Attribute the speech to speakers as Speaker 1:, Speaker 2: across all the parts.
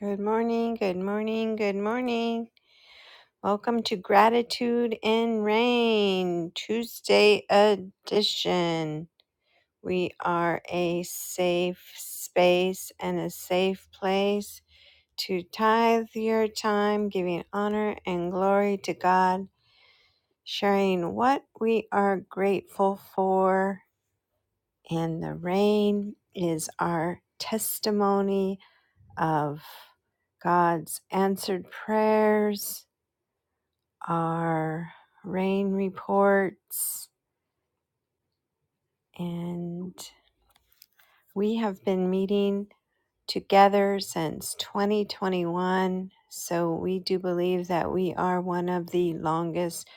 Speaker 1: Good morning, good morning, good morning. Welcome to Gratitude in Rain Tuesday edition. We are a safe space and a safe place to tithe your time, giving honor and glory to God, sharing what we are grateful for. And the rain is our testimony of God's answered prayers our rain reports, and we have been meeting together since 2021. So we do believe that we are one of the longest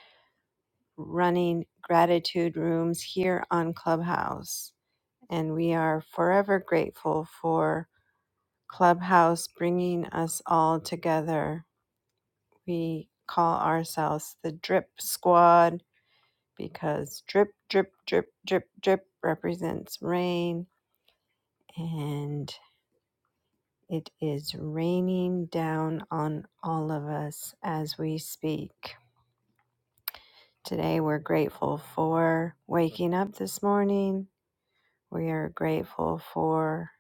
Speaker 1: running gratitude rooms here on Clubhouse. And we are forever grateful for Clubhouse bringing us all together. We call ourselves the Drip Squad because drip, drip, drip, drip, drip represents rain, and it is raining down on all of us as we speak. Today, we're grateful for waking up this morning. We are grateful for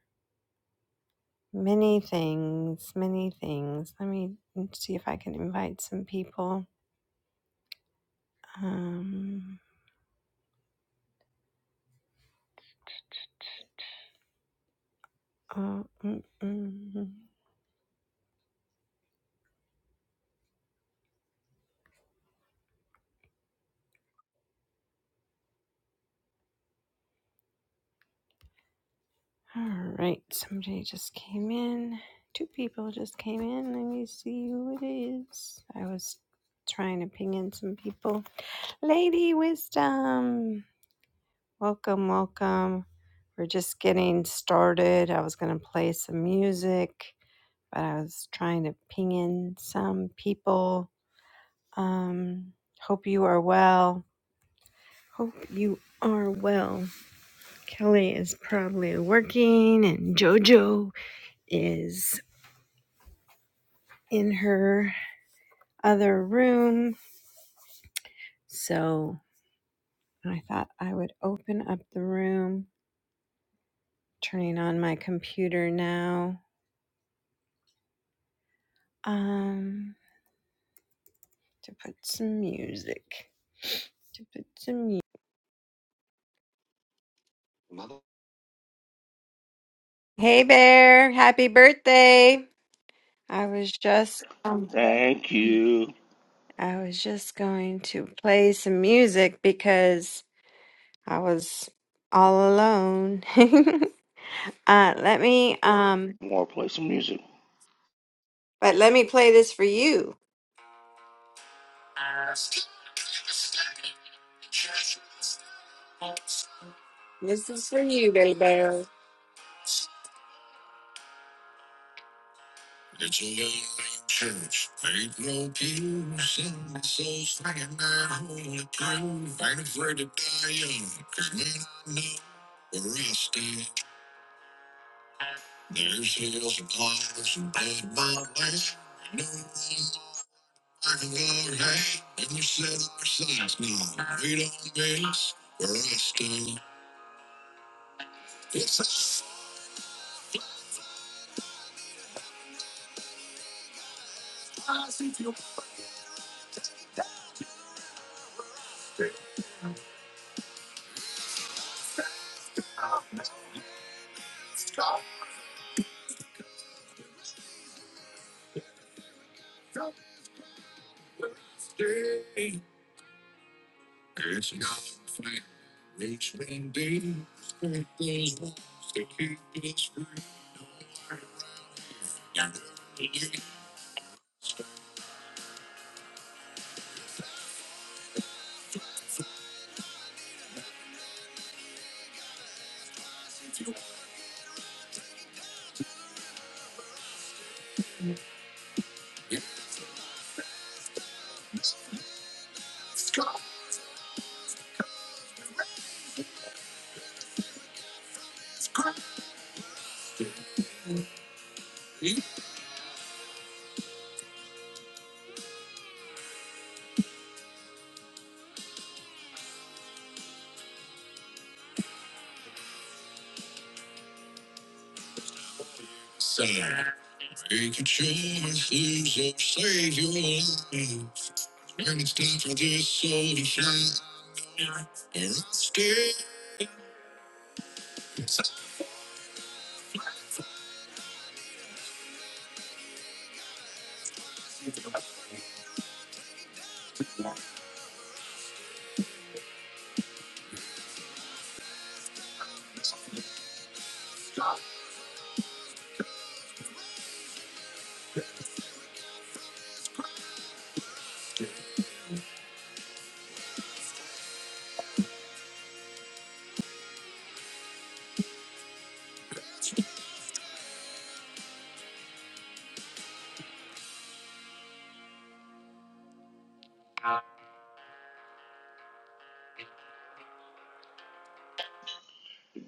Speaker 1: many things, many things. Let me see if I can invite some people. Um, uh, mm, mm, mm. All right, somebody just came in. Two people just came in. Let me see who it is. I was trying to ping in some people. Lady Wisdom, welcome, welcome. We're just getting started. I was going to play some music, but I was trying to ping in some people. Um, hope you are well. Hope you are well. Kelly is probably working, and JoJo is in her other room. So I thought I would open up the room, turning on my computer now um, to put some music. To put some music. Hey Bear, happy birthday. I was just
Speaker 2: Thank you.
Speaker 1: I was just going to play some music because I was all alone. uh let me um
Speaker 2: I Want to play some music?
Speaker 1: but let me play this for you. This is for you, baby.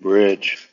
Speaker 2: Bridge.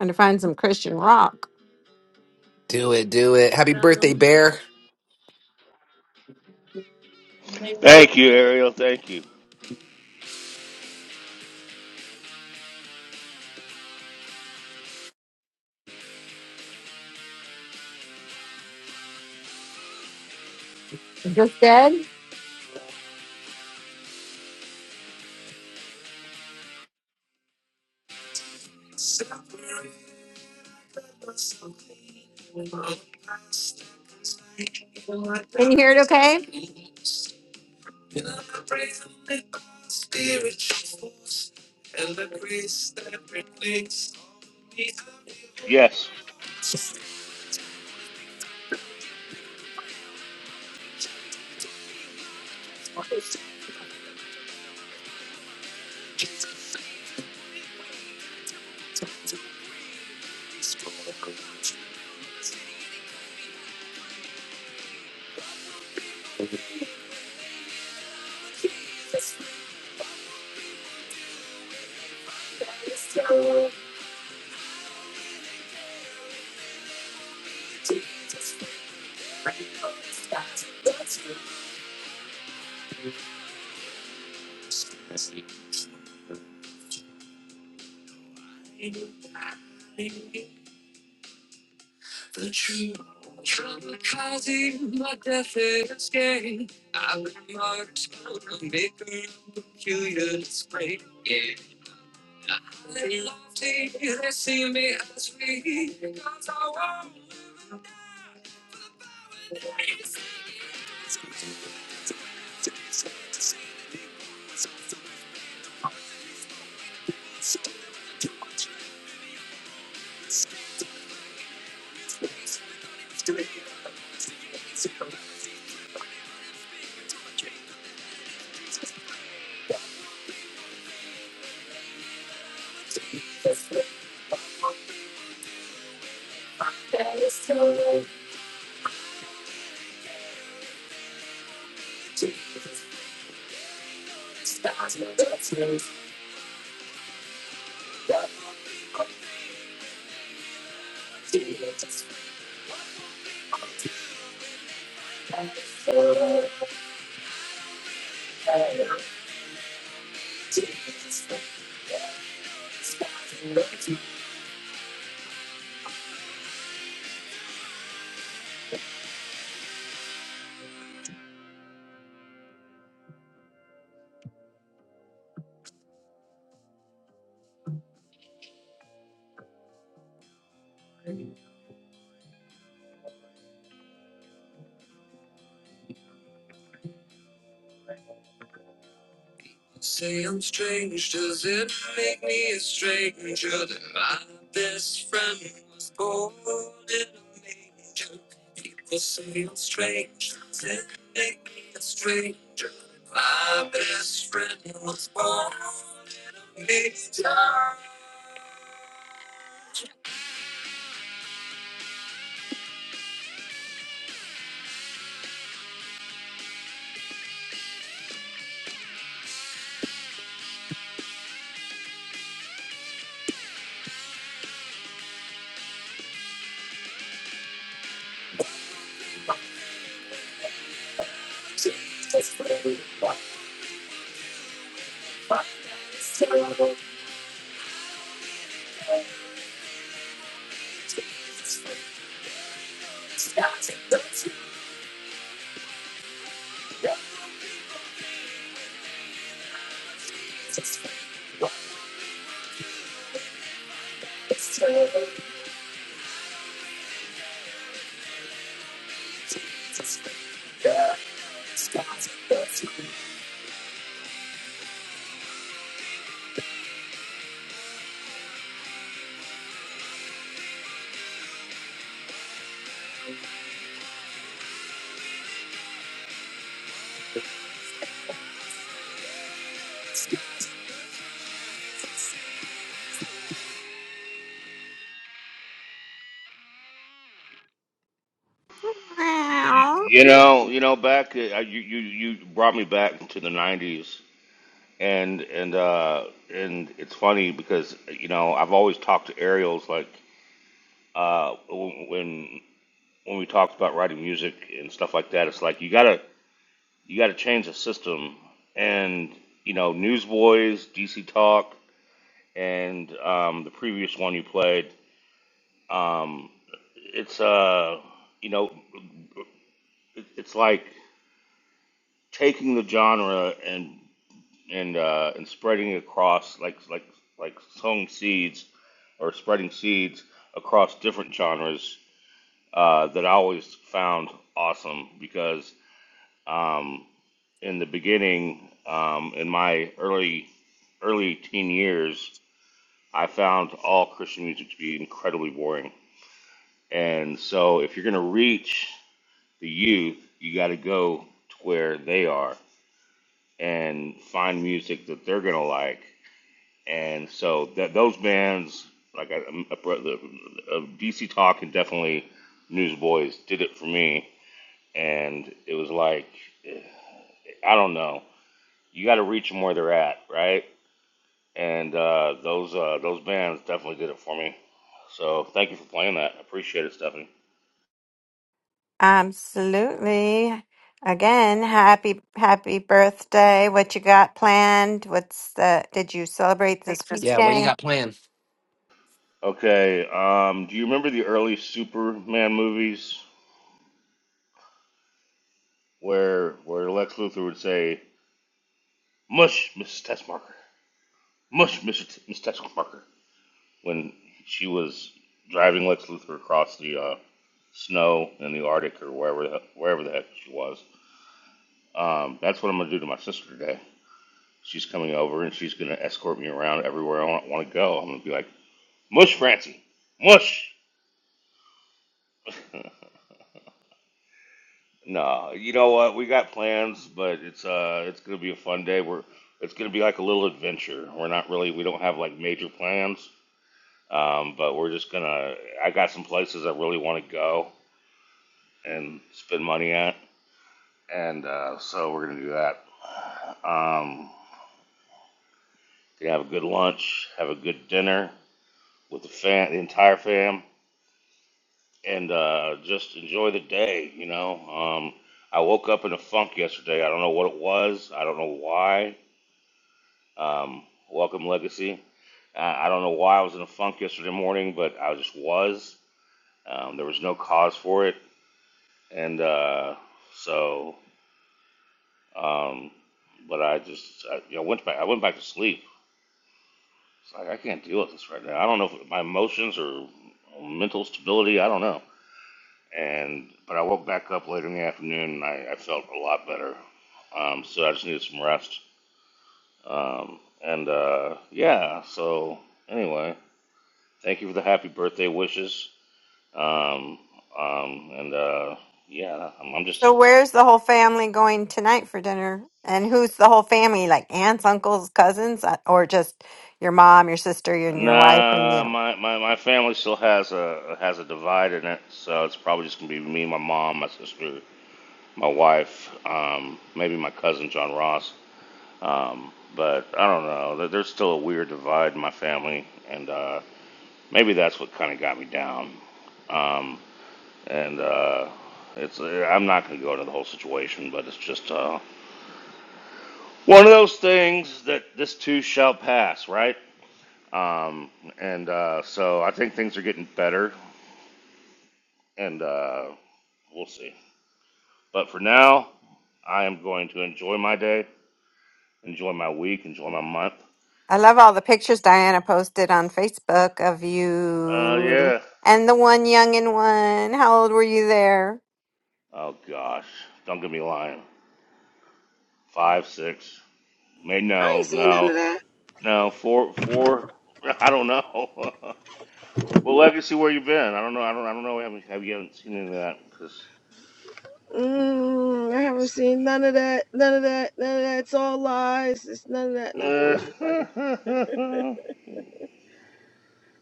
Speaker 1: Trying to find some Christian rock.
Speaker 3: Do it, do it. Happy birthday, Bear.
Speaker 2: Thank you, Ariel. Thank you.
Speaker 1: Just dead?
Speaker 2: Yes. You know, you know, back uh, you you you brought me back to the '90s, and and uh and it's funny because you know I've always talked to Ariel's like uh when when when we talked about writing music and stuff like that. It's like you gotta you gotta change the system, and you know, Newsboys, DC Talk, and um, the previous one you played Um, it's uh, you know, it- it's like taking the genre and and uh, and spreading it across like like like sowing seeds or spreading seeds across different genres uh, that I always found awesome because um, in the beginning, um, in my early early teen years, I found all Christian music to be incredibly boring. And so, if you're going to reach the youth, you got to go to where they are and find music that they're gonna like. And so that those bands, like I, uh, DC Talk and definitely Newsboys, did it for me. And it was like, I don't know, you got to reach them where they're at, right? And uh, those uh, those bands definitely did it for me. So thank you for playing that. I appreciate it, Stephanie.
Speaker 1: Absolutely. Again, happy happy birthday. What you got planned? What's the did you celebrate this
Speaker 3: Yeah, what you
Speaker 1: weekend?
Speaker 3: got planned?
Speaker 2: Okay, um, do you remember the early Superman movies? where where Lex Luthor would say, "Mush, Mrs. Testmarker, mush, Mr. T- Miss Testmarker," when she was driving Lex Luthor across the uh, snow in the Arctic or wherever the, wherever the heck she was. Um, that's what I'm gonna do to my sister today. She's coming over and she's gonna escort me around everywhere I want, want to go. I'm gonna be like, "Mush, Francie, mush." No, you know what? We got plans, but it's uh, it's gonna be a fun day. We're it's gonna be like a little adventure. We're not really, we don't have like major plans. Um, but we're just gonna. I got some places I really want to go and spend money at, and uh, so we're gonna do that. Um, gonna have a good lunch, have a good dinner with the fam, the entire fam, and uh, just enjoy the day. You know, um, I woke up in a funk yesterday. I don't know what it was. I don't know why. Um, welcome, Legacy. I I don't know why I was in a funk yesterday morning, but I just was. Um, there was no cause for it. and uh, so, um, but I just I, you know went back. I went back to sleep. It's like I can't deal with this right now. I don't know if my emotions or mental stability. I don't know. And but I woke back up later in the afternoon and I, I felt a lot better. Um, so I just needed some rest. Um, and uh, yeah. So anyway, thank you for the happy birthday wishes. Um, um, and uh, yeah, I'm, I'm just
Speaker 1: So where's the whole family going tonight for dinner? And who's the whole family? Like aunts, uncles, cousins, uh, or just your
Speaker 2: Nah,
Speaker 1: mom?
Speaker 2: my, my, my family still has a has a divide in it, so it's probably just gonna be me, my mom, my sister, my wife, um, maybe my cousin John Ross. Um, but I don't know. There- There's still a weird divide in my family, and uh, maybe that's what kind of got me down. Um, and uh, it's I'm not gonna go into the whole situation, but it's just uh, one of those things that this too shall pass, right? Um, and uh, so I think things are getting better. and uh, we'll see. But for now, I am going to enjoy my day, enjoy my week, enjoy my month.
Speaker 1: I love all the pictures Diana posted on Facebook of
Speaker 2: Uh,
Speaker 1: you
Speaker 2: yeah.
Speaker 1: and the one young and one. How old were you there?
Speaker 2: Oh gosh, don't get me lying. Five, six, maybe
Speaker 4: I
Speaker 2: no,
Speaker 4: ain't seen none of
Speaker 2: no,
Speaker 4: that.
Speaker 2: no, four, four. I don't know. well, legacy, where you been? I don't know. I don't. I don't know. We haven't. Have you haven't seen any of that? Because
Speaker 4: Mm, I haven't seen none of that. None of that. None of that. It's all lies. It's none of that. Nah, I'm just fucking.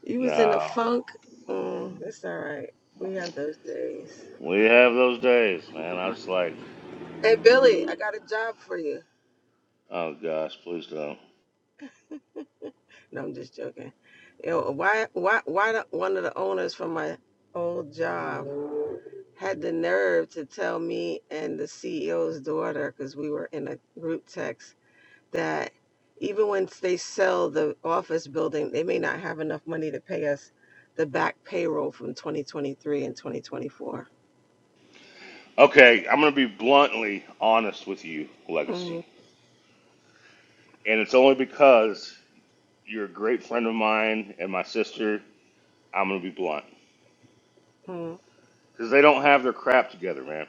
Speaker 4: You was in a
Speaker 2: no,
Speaker 4: funk. Mm, it's all right. We have those days.
Speaker 2: we have those days, man. I was like,
Speaker 4: Hey Billy, I got a job for you.
Speaker 2: oh gosh, please don't.
Speaker 4: No, I'm just joking. Yo, why, why, why the, one of the owners from my old job had the nerve to tell me and the CEO's daughter, because we were in a group text that even once they sell the office building, they may not have enough money to pay us the back payroll from 2023 and 2024.
Speaker 2: Okay, I'm going to be bluntly honest with you, Legacy.
Speaker 4: Mm-hmm.
Speaker 2: And it's only because you're a great friend of mine and my sister, I'm going to be blunt. Cuz they don't have their crap together, man.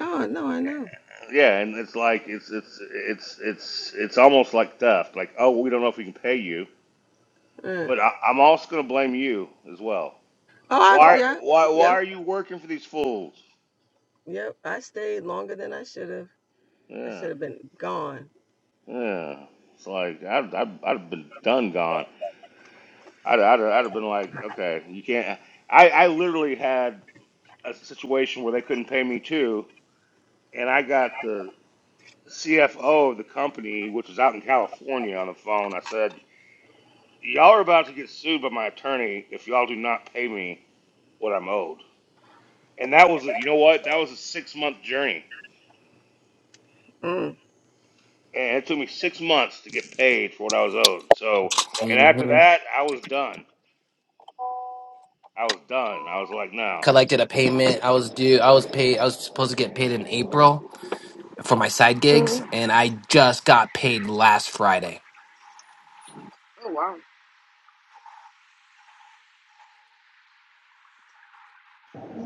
Speaker 4: Oh, no, I know.
Speaker 2: Yeah, and it's like it's it's it's it's it's almost like theft. Like, oh, we don't know if we can pay you,
Speaker 4: Uh,
Speaker 2: but I, I'm also going to blame you as well.
Speaker 4: Oh, I,
Speaker 2: Why
Speaker 4: yeah,
Speaker 2: why why
Speaker 4: yep,
Speaker 2: are you working for these fools?
Speaker 4: yep. I stayed longer than I should have. I should
Speaker 2: Yeah.
Speaker 4: have been gone.
Speaker 2: Yeah. It's like I've I've, I've been done gone. I'd, I'd, I'd have been like, okay, you can't. I, I literally had a situation where they couldn't pay me too, and I got the CFO of the company, which was out in California, on the phone. I said, y'all are about to get sued by my attorney if y'all do not pay me what I'm owed. And that was, you know what? That was a six month journey,
Speaker 4: Mm.
Speaker 2: and it took me six months to get paid for what I was owed. So, and after
Speaker 3: hmm
Speaker 2: that, I was done. I was done. I was like, no.
Speaker 3: Collected a payment. I was due. I was paid. I was supposed to get paid in April for my side gigs,
Speaker 4: Mm.
Speaker 3: and I just got paid last Friday.
Speaker 4: Oh wow.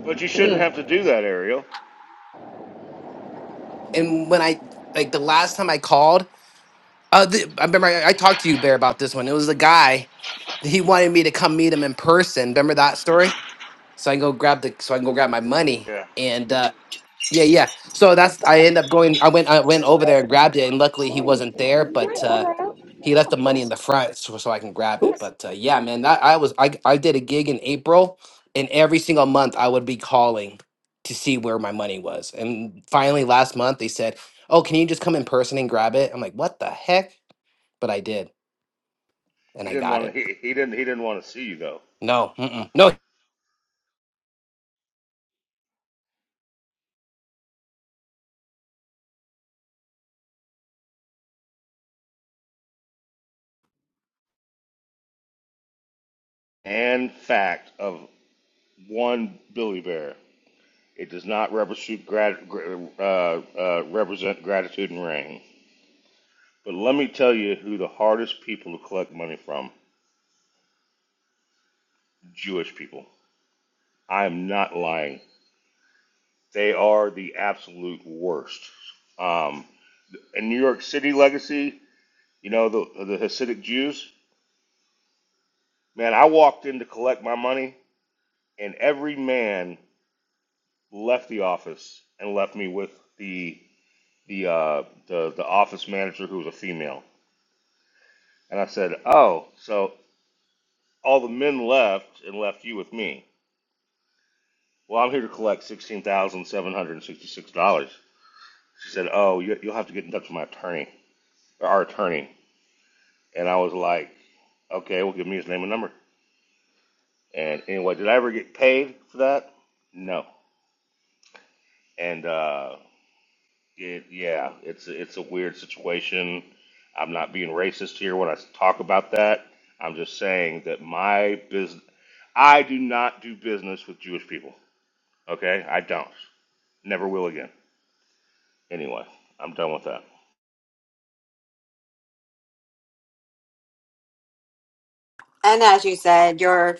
Speaker 2: But you shouldn't
Speaker 4: Mm.
Speaker 2: have to do that, Ariel.
Speaker 3: And when I like the last time I called, uh, the, I remember I, I talked to you, Bear, about this one. It was a guy. He wanted me to come meet him in person. Remember that story? So I can go grab the. So I can go grab my money. And uh, yeah, yeah. So that's. I end up going. I went. I went over there and grabbed it, and luckily he wasn't there.
Speaker 4: Can I
Speaker 3: But uh,
Speaker 4: order out?
Speaker 3: he
Speaker 4: Yeah,
Speaker 3: left the
Speaker 4: of
Speaker 3: money in
Speaker 4: course.
Speaker 3: the front so, so I can grab it.
Speaker 4: Oops.
Speaker 3: But uh, yeah, man, that I was I I did a gig in April, and every single month I would be calling to see where my money was. And finally, last month they said, "Oh, can you just come in person and grab it?" I'm like, "What the heck?" But I did, and
Speaker 2: He
Speaker 3: I
Speaker 2: didn't
Speaker 3: got it.
Speaker 2: want to. He, he didn't. He didn't want to see you though.
Speaker 3: No, mm-mm, no.
Speaker 2: And fact of one Billy Bear, it does not represent, uh, uh, represent gratitude and rain. But let me tell you who the hardest people to collect money from: Jewish people. I am not lying. They are the absolute worst. Um, in New York City legacy, you know the the Hasidic Jews. Man, I walked in to collect my money, and every man left the office and left me with the the uh, the the office manager who was a female, and I said, "Oh, so all the men left and left you with me. Well, I'm here to collect sixteen thousand seven hundred and sixty-six dollars." She said, "Oh, you, you'll have to get in touch with my attorney, or our attorney." And I was like, "Okay, well, give me his name and number." And anyway, did I ever get paid for that? No. And uh, it, yeah, it's it's a weird situation. I'm not being racist here when I talk about that. I'm just saying that my business I do not do business with Jewish people. Okay, I don't. Never will again. Anyway, I'm done with that.
Speaker 1: And as you said, your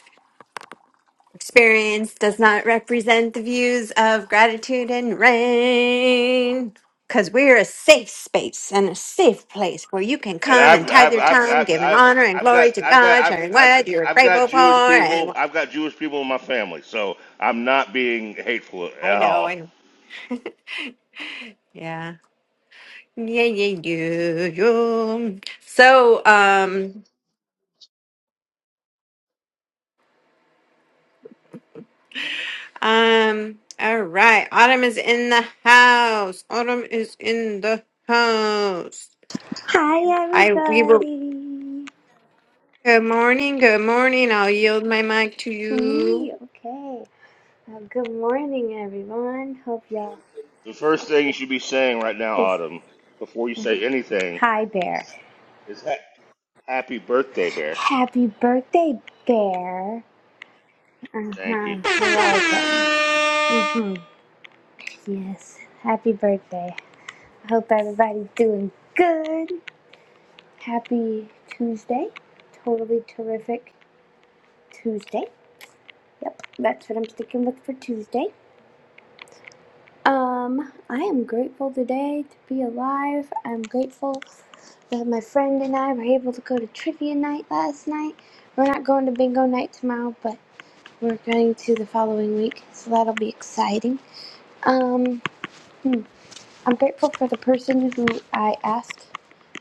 Speaker 1: Experience does not represent the views of gratitude and rain. Because we're a safe space and a safe place where you can
Speaker 2: And
Speaker 1: come
Speaker 2: I've
Speaker 1: and tithe
Speaker 2: I've
Speaker 1: your
Speaker 2: I've
Speaker 1: time,
Speaker 2: I've,
Speaker 1: giving
Speaker 2: I've,
Speaker 1: honor and
Speaker 2: I've got
Speaker 1: glory to
Speaker 2: I've got
Speaker 1: God,
Speaker 2: I've,
Speaker 1: sharing
Speaker 2: I've
Speaker 1: what you're
Speaker 2: I've got
Speaker 1: grateful for.
Speaker 2: Jewish
Speaker 1: And
Speaker 2: people. I've got Jewish people in my family, so I'm not being hateful
Speaker 1: I
Speaker 2: at
Speaker 1: know, I
Speaker 2: all.
Speaker 1: know. Yeah. Yeah, yeah, yeah, yeah. So, um, Um, all right. Autumn is in the house. Autumn is in the house.
Speaker 5: Hi,
Speaker 1: I we will
Speaker 5: everybody.
Speaker 1: good morning, good morning. I'll yield my mic to
Speaker 5: To
Speaker 1: you.
Speaker 5: me, okay. Uh, good morning, everyone. Hope y'all
Speaker 2: The first thing you should be saying right now,
Speaker 5: is
Speaker 2: Autumn, before you say anything,
Speaker 5: hi, Bear.
Speaker 2: is ha- "Happy birthday, Bear."
Speaker 5: Happy birthday, Bear. Uh
Speaker 2: Thank
Speaker 5: huh.
Speaker 2: you.
Speaker 5: You're welcome. Mhm. Yes. Happy birthday. Hope everybody's doing good. Happy Tuesday. Totally terrific Tuesday. Yep. That's what I'm sticking with for Tuesday. Um, I am grateful today to be alive. I'm grateful that my friend and I were able to go to trivia night last night. We're not going to bingo night tomorrow, but we're going to the following week, so that'll be exciting. Um, hmm, I'm grateful for the person who I asked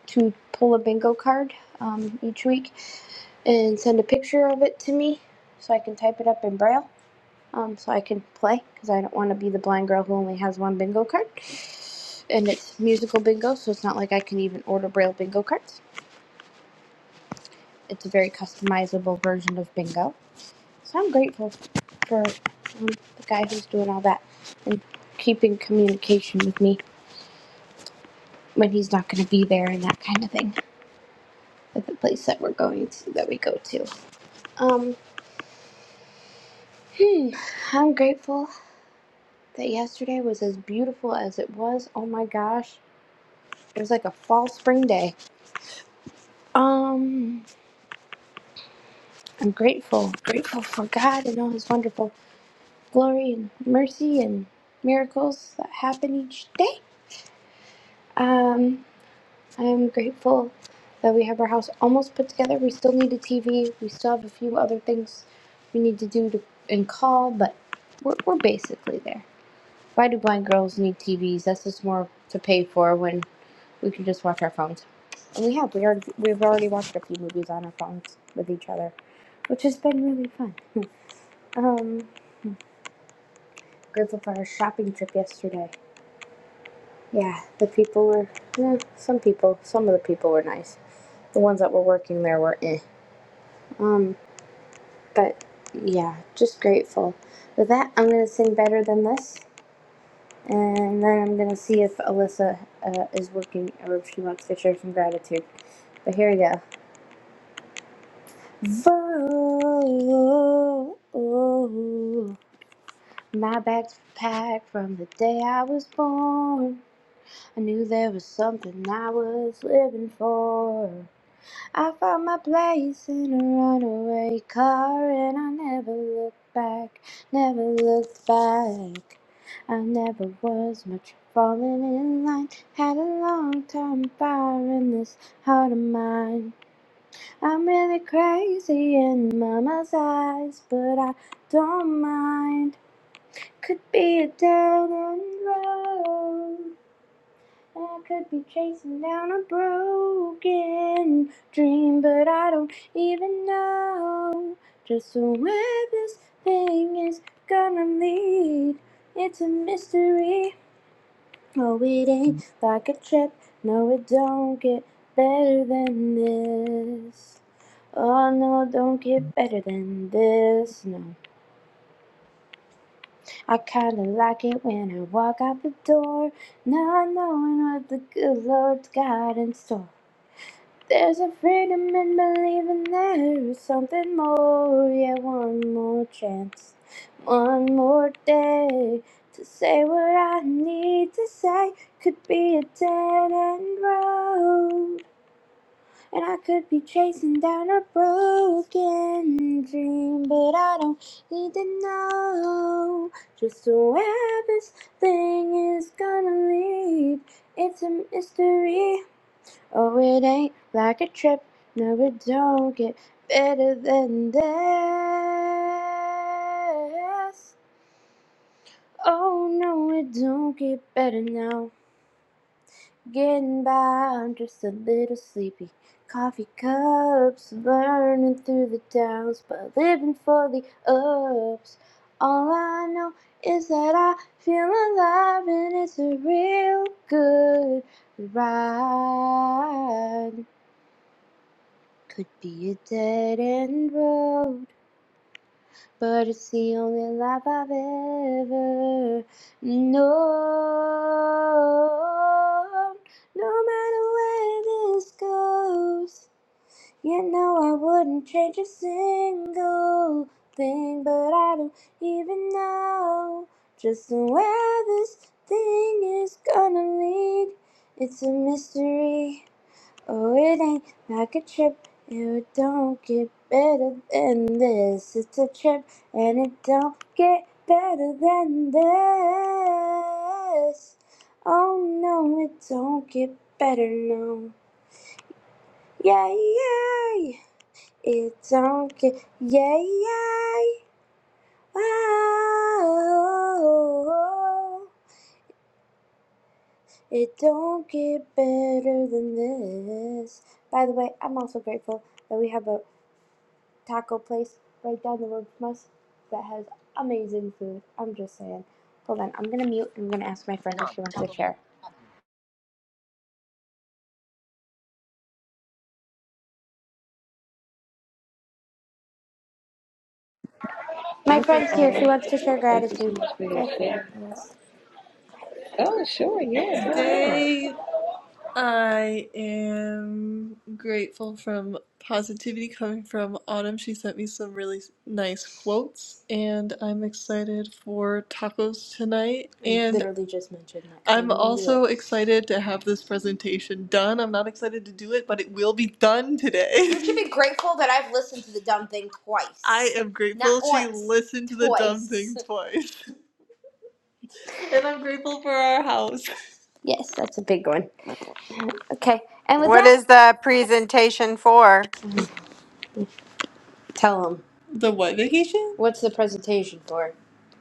Speaker 5: to pull a bingo card um, each week and send a picture of it to me so I can type it up in braille um, so I can play because I don't want to be the blind girl who only has one bingo card. And it's musical bingo, so it's not like I can even order braille bingo cards. It's a very customizable version of bingo. So I'm grateful for um, the guy who's doing all that and keeping communication with me when he's not going to be there and that kind of thing at the place that we're going to that we go to. Um, hmm, I'm grateful that yesterday was as beautiful as it was. Oh my gosh, it was like a fall spring day Um, I'm grateful, grateful for God and all His wonderful glory and mercy and miracles that happen each day. Um, I'm grateful that we have our house almost put together. We still need a TV. We still have a few other things we need to do to and call, but we're, we're basically there. Why do blind girls need TVs? That's just more to pay for when we can just watch our phones. And we have we already we've already watched a few movies on our phones with each other, which has been really fun. Um, grateful for our shopping trip yesterday. Yeah, the people were eh, some people some of the people were nice. The ones that were working there were eh. Um, but yeah, just grateful. With that, I'm gonna sing better than this. And then I'm gonna see if Alyssa uh, is working or if she wants to share some gratitude. But here we go. Vote. My back's packed from the day I was born. I knew there was something I was living for. I found my place in a runaway car and I never looked back, never looked back. I never was much falling in line, had a long time fire in this heart of mine. I'm really crazy in mama's eyes, but I don't mind. Could be a dead end road. I could be chasing down a broken dream, but I don't even know just where this thing is gonna lead. It's a mystery. Oh, it ain't like a trip. No, it don't get better than this. Oh no, don't get better than this. No, I kinda like it when I walk out the door, not knowing what the good Lord's got in store. There's a freedom in believing there is something more. Yeah, one more chance, one more day to say what I need to say. Could be a dead end road, and I could be chasing down a broken dream, but I don't need to know just where this thing is gonna lead. It's a mystery. Oh, it ain't like a trip. No, it don't get better than this. Oh, no, it don't get better now. Getting by, I'm just a little sleepy. Coffee cups, learning through the downs, but living for the ups. All I know is that I feel alive and it's a real good ride. Could be a dead end road, but it's the only life I've ever known. No matter where this goes, you know I wouldn't change a single thing, but I don't even know just where this thing is gonna lead. It's a mystery. Oh, it ain't like a trip. You don't get better than this. It's a trip, and it don't get better than this. Oh no, it don't get better no. Yay, yay! It don't get yay, yay! Oh, it don't get better than this. By the way, I'm also grateful that we have a taco place right down the road from us that has amazing food. I'm just saying. Hold on, I'm gonna mute and I'm gonna ask my friend if she wants to share. My
Speaker 4: Thank you,
Speaker 5: friend's here. She
Speaker 4: Autumn.
Speaker 5: wants to share
Speaker 4: Thank you so
Speaker 5: gratitude.
Speaker 4: much for your
Speaker 5: Go for
Speaker 4: share.
Speaker 5: it.
Speaker 4: Oh, sure. Yeah, go ahead.
Speaker 5: Today. I am grateful from positivity coming from Autumn. She sent me some really nice quotes, and I'm excited for tacos tonight. We And literally just mentioned that I am also excited to have this presentation done. I'm not excited to do it, but it will be done today. I am grateful she listened to the dumb thing twice. And I'm grateful for our house. Yes, that's a big one. Okay, and with
Speaker 1: What
Speaker 5: that,
Speaker 1: is the presentation for?
Speaker 5: Tell them. The what vacation? What's the presentation for?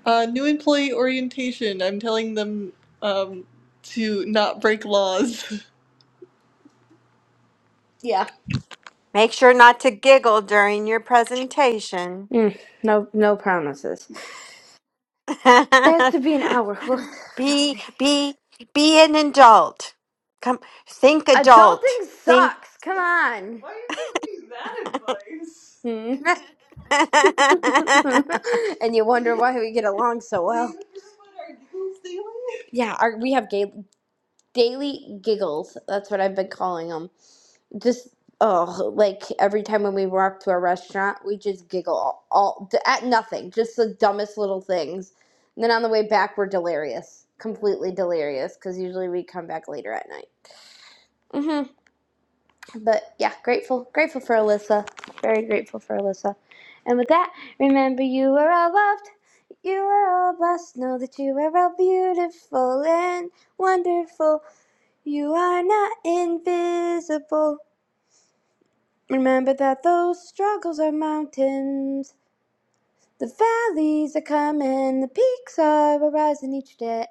Speaker 5: Uh, new employee orientation. I'm telling them um, to not break laws. Yeah.
Speaker 1: Make sure not to giggle during your presentation.
Speaker 5: Mm, no, no promises. It has to be an hour. Adulting sucks. Come on. Why are you giving me that advice? Hmm. and you wonder why we get along so Do well. Do you just want our giggles daily? Yeah, our, we have ga- daily giggles. That's what I've been calling them. just oh like every time when we walk to a restaurant we just giggle all, all at nothing just the dumbest little things and then on the way back we're delirious completely delirious because usually we come back later at night hmm but yeah grateful grateful for alyssa very grateful for alyssa and with that remember you are all loved you are all blessed know that you are all beautiful and wonderful you are not invisible Remember that those struggles are mountains, the valleys are coming, the peaks are arising each day.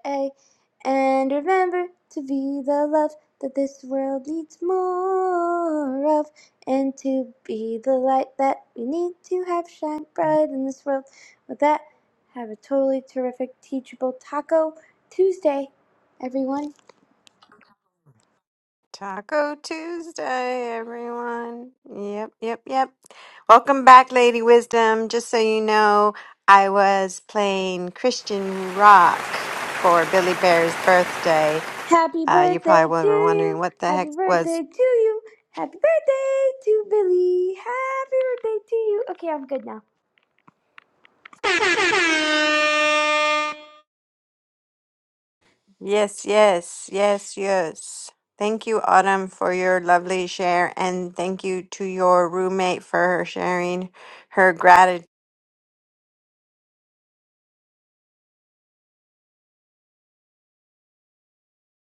Speaker 5: And remember to be the love that this world needs more of, and to be the light that we need to have shine bright in this world. With that, have a totally terrific, teachable Taco Tuesday, everyone.
Speaker 1: Taco Tuesday, everyone. Yep, yep, yep. Welcome back, Lady Wisdom. Just so you know, I was playing Christian rock for Billy Bear's birthday.
Speaker 5: Happy
Speaker 1: Uh, you
Speaker 5: birthday
Speaker 1: probably
Speaker 5: to
Speaker 1: were wondering
Speaker 5: you.
Speaker 1: what the
Speaker 5: Happy
Speaker 1: heck
Speaker 5: birthday
Speaker 1: was.
Speaker 5: to you. Happy birthday to Billy. Happy birthday to you. Okay, I'm good now.
Speaker 1: Yes, yes, yes, yes. Thank you, Autumn, for your lovely share, and thank you to your roommate for her sharing her gratitude.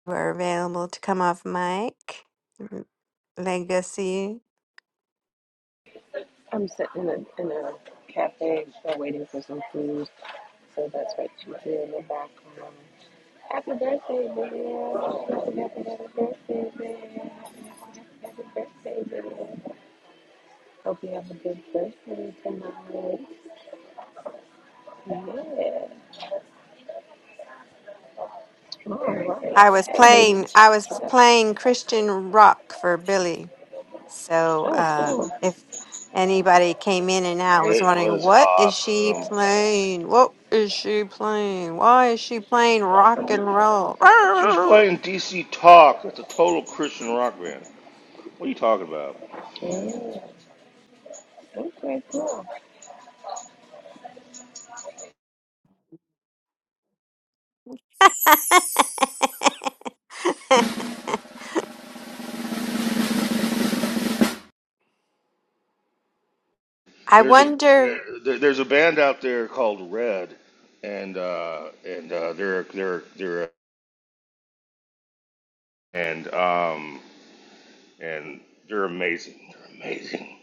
Speaker 1: We're available to come off mic. Legacy.
Speaker 4: I'm sitting in a, in a cafe still waiting for some food, so that's what you hear in the background. Happy birthday, man! Happy, happy, birthday, man! Happy birthday, man! Hope you have a good birthday tonight. Yeah. All right.
Speaker 1: I was
Speaker 4: Hey,
Speaker 1: playing
Speaker 4: ladies.
Speaker 1: I was playing Christian rock for Billy. So
Speaker 4: Oh,
Speaker 1: uh
Speaker 4: cool.
Speaker 1: if anybody came in and out was
Speaker 2: It
Speaker 1: wondering
Speaker 2: was
Speaker 1: what is she
Speaker 2: awesome.
Speaker 1: playing? What is she playing? Why is she playing rock and roll?
Speaker 2: She was playing DC Talk. That's a total Christian rock band. What are you talking about?
Speaker 4: Okay, cool.
Speaker 1: I
Speaker 2: There's a
Speaker 1: wonder
Speaker 2: there, there's a band out there called Red, and uh, and uh, they're they're they're and um and they're amazing. They're amazing.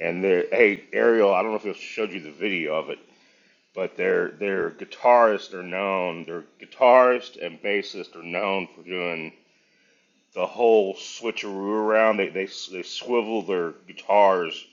Speaker 2: And they're hey Ariel, I don't know if I showed you the video of it, but their their guitarists are known. Their guitarist and bassist are known for doing the whole switcheroo around. They they they swivel their guitars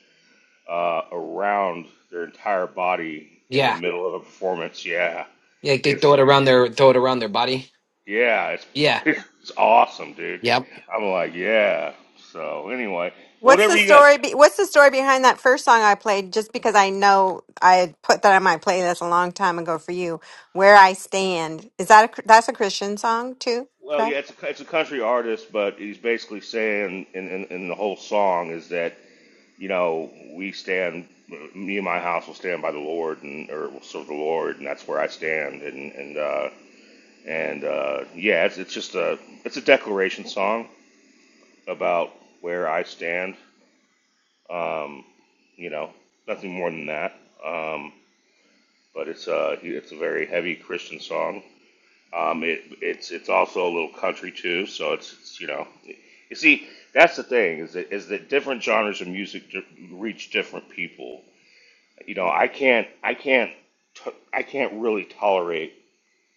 Speaker 2: uh, around their entire body in the
Speaker 3: Yeah,
Speaker 2: middle of a performance. Yeah.
Speaker 3: yeah. They
Speaker 2: it's
Speaker 3: throw it around their throw it around their body.
Speaker 2: Yeah, it's
Speaker 3: Yeah,
Speaker 2: it's awesome, dude.
Speaker 3: yep.
Speaker 2: I'm like, yeah. So anyway,
Speaker 1: what's the
Speaker 2: whatever you got.
Speaker 1: story be- what's the story behind that first song I played just because I know I had put that on my playlist a long time ago for you, Where I Stand. Is that a that's a Christian song too,
Speaker 2: Well, yeah, it's a it's a country artist, but he's basically saying in in, in the whole song is that you know we stand, me and my house will stand by the Lord and or will serve the Lord, and that's where I stand. And and uh, and uh, yeah, it's it's just a it's a declaration song about where I stand. You know, nothing more than that. Um, but it's a it's a very heavy Christian song. Um, it it's it's also a little country too, so it's, it's you know, you see that's the thing is that is that different genres of music di- reach different people. You know, I can't I can't t- I can't really tolerate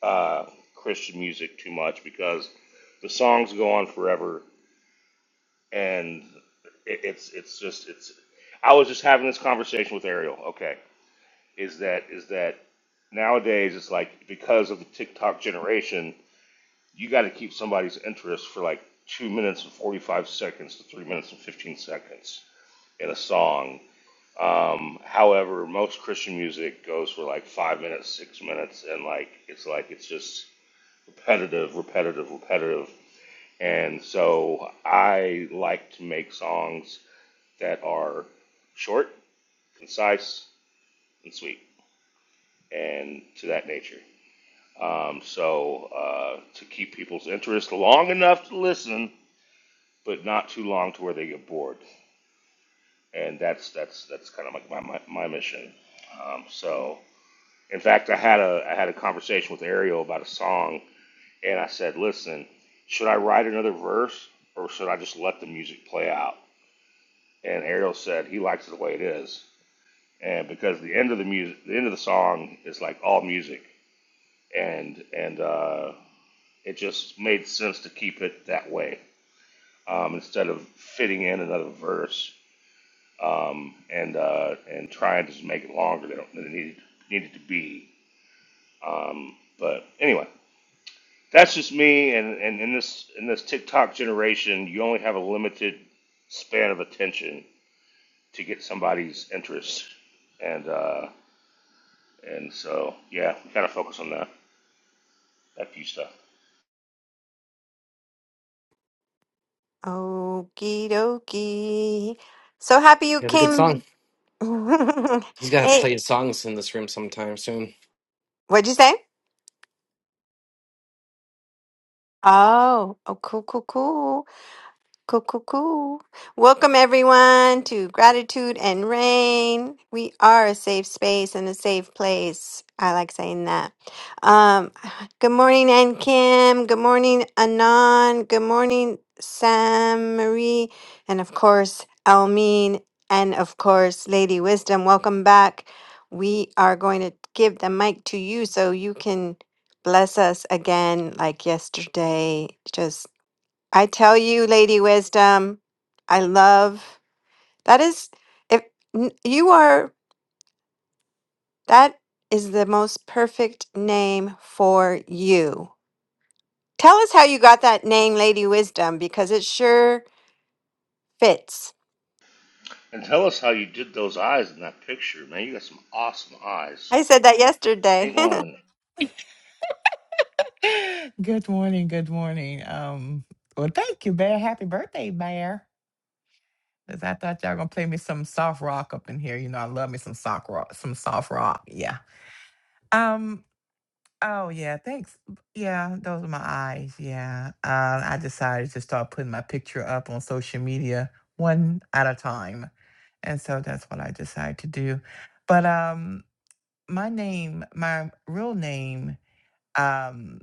Speaker 2: uh, Christian music too much because the songs go on forever and it, it's it's just it's. I was just having this conversation with Ariel. Okay, is that is that nowadays it's like because of the TikTok generation, you got to keep somebody's interest for like two minutes and forty five seconds to three minutes and fifteen seconds in a song. Um, however, most Christian music goes for like five minutes, six minutes, and like it's like it's just repetitive, repetitive, repetitive. And so I like to make songs that are short, concise, and sweet, and to that nature. Um, so uh, to keep people's interest long enough to listen, but not too long to where they get bored, and that's that's that's kind of like my, my my mission. Um, so in fact, I had a I had a conversation with Ariel about a song, and I said, listen, should I write another verse or should I just let the music play out? And Ariel said he likes it the way it is, and because the end of the music, the end of the song is like all music, and and uh, it just made sense to keep it that way. um, instead of fitting in another verse um, and uh, and trying to just make it longer than it than it needed needed to be. Um, but anyway, that's just me. And, and in this in this TikTok generation, you only have a limited span of attention to get somebody's interest, and uh, and so yeah, we gotta focus on that that few stuff.
Speaker 1: Okie dokie. So happy you
Speaker 3: You have a good song.
Speaker 1: came.
Speaker 3: He's gonna have to
Speaker 1: Hey,
Speaker 3: play his songs in this room sometime soon.
Speaker 1: what'd you say? Oh, oh, cool, cool, cool. Cool, cool, cool. Welcome, everyone, to Gratitude and Rain. We are a safe space and a safe place. I like saying that. Um, good morning, Ann Kim. Good morning, Anon. Good morning, Sam Marie. And of course, Almeen. And of course, Lady Wisdom. Welcome back. We are going to give the mic to you so you can bless us again like yesterday. I tell you, Lady Wisdom, I love that is if n- you are that is the most perfect name for you. Tell us how you got that name, Lady Wisdom, because it sure fits.
Speaker 2: And tell us how you did those eyes in that picture, man. You got some awesome eyes.
Speaker 1: I said that yesterday,
Speaker 2: Ain't lying.
Speaker 6: Good morning. Good morning. Um, well, thank you, Bear. Happy birthday, Bear. Cause I thought y'all gonna play me some soft rock up in here. You know, I love me some soft rock. Some soft rock. Yeah. Um. Oh yeah. Thanks. Yeah. Those are my eyes. Yeah. Uh, I decided to start putting my picture up on social media one at a time, and so that's what I decided to do. But um, my name, my real name, um,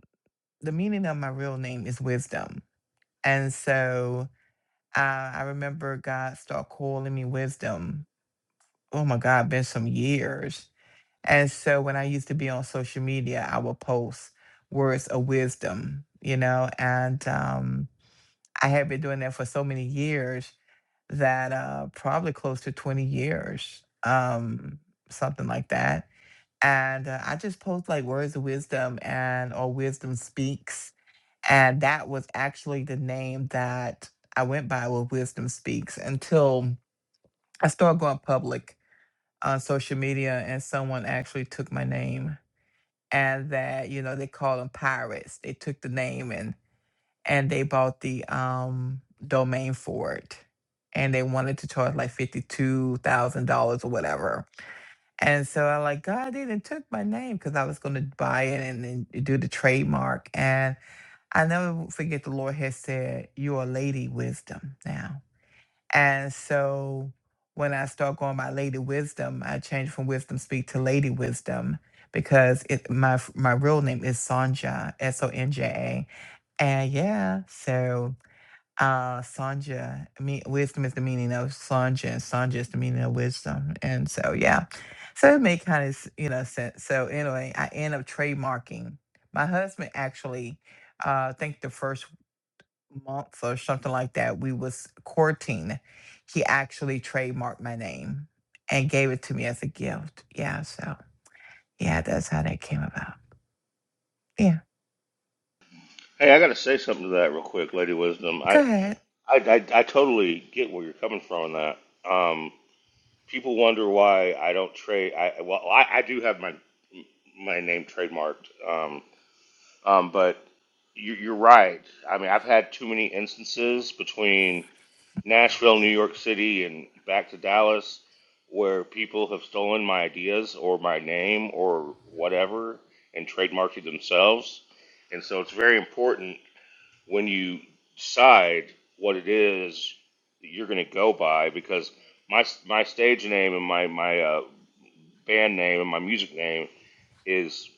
Speaker 6: the meaning of my real name is wisdom And so uh, I remember God start calling me wisdom. Oh my God, been some years. And so when I used to be on social media, I would post words of wisdom, you know, and um, I had been doing that for so many years that uh, probably close to 20 years, um, something like that. And uh, I just post like words of wisdom and or wisdom speaks and that was actually the name that I went by with Wisdom Speaks until I started going public on social media and someone actually took my name. And that, you know, they call them pirates. They took the name and and they bought the um domain for it. And they wanted to charge like fifty-two thousand dollars or whatever. And so I like God they didn't took my name because I was gonna buy it and then do the trademark. and. I never forget the Lord has said, You're a lady wisdom now. And so when I start going by lady wisdom, I change from wisdom speak to lady wisdom because it, my f- my real name is Sonja, S O N J A. And yeah, so uh Sonja, me, wisdom is the meaning of Sonja, and Sonja is the meaning of wisdom. And so, yeah. So it made kind of, you know, sense. So anyway, I end up trademarking. My husband actually uh, I think the first months or something like that, we was courting, he actually trademarked my name and gave it to me as a gift. Yeah, so yeah, that's how that came about. Yeah.
Speaker 2: Hey, I got to say something to that real quick, Lady Wisdom.
Speaker 6: Go
Speaker 2: I,
Speaker 6: ahead.
Speaker 2: I, I, I totally get where you're coming from on that. Um, people wonder why I don't trade. I well, I, I do have my my name trademarked. Um, um, but you, you're right. I mean, I've had too many instances between Nashville, New York City, and back to Dallas, where people have stolen my ideas or my name or whatever and trademarked it themselves. And so it's very important when you decide what it is that you're going to go by because my my stage name and my my uh, band name and my music name is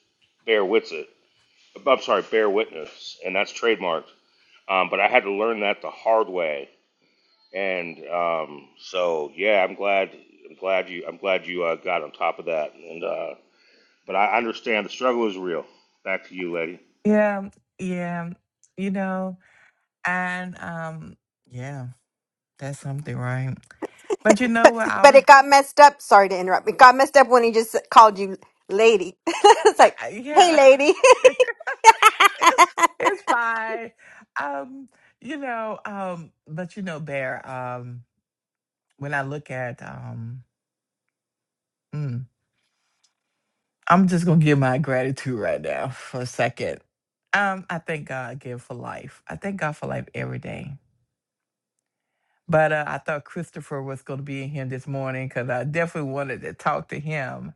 Speaker 2: Bear Witsit. I'm sorry, Bear Witness, and that's trademarked. Um, but I had to learn that the hard way, and um, so yeah, I'm glad I'm glad you I'm glad you uh, got on top of that. And uh, but I understand the struggle is real. Back to you, lady.
Speaker 6: Yeah, yeah. You know, and um yeah, that's something, right? But you know
Speaker 1: but,
Speaker 6: what I
Speaker 1: but it
Speaker 6: would
Speaker 1: got messed up. Sorry to interrupt. It got messed up when he just called you Lady. it's
Speaker 6: I,
Speaker 1: like,
Speaker 6: I-
Speaker 1: hey,
Speaker 6: yeah.
Speaker 1: Lady.
Speaker 6: it's it's fine. Um, you know, um, but you know, Bear, um, when I look at um hmm, I'm just gonna give my gratitude right now for a second. Um, I thank God again for life. I thank God for life every day. But uh, I thought Christopher was gonna be in here this morning because I definitely wanted to talk to him.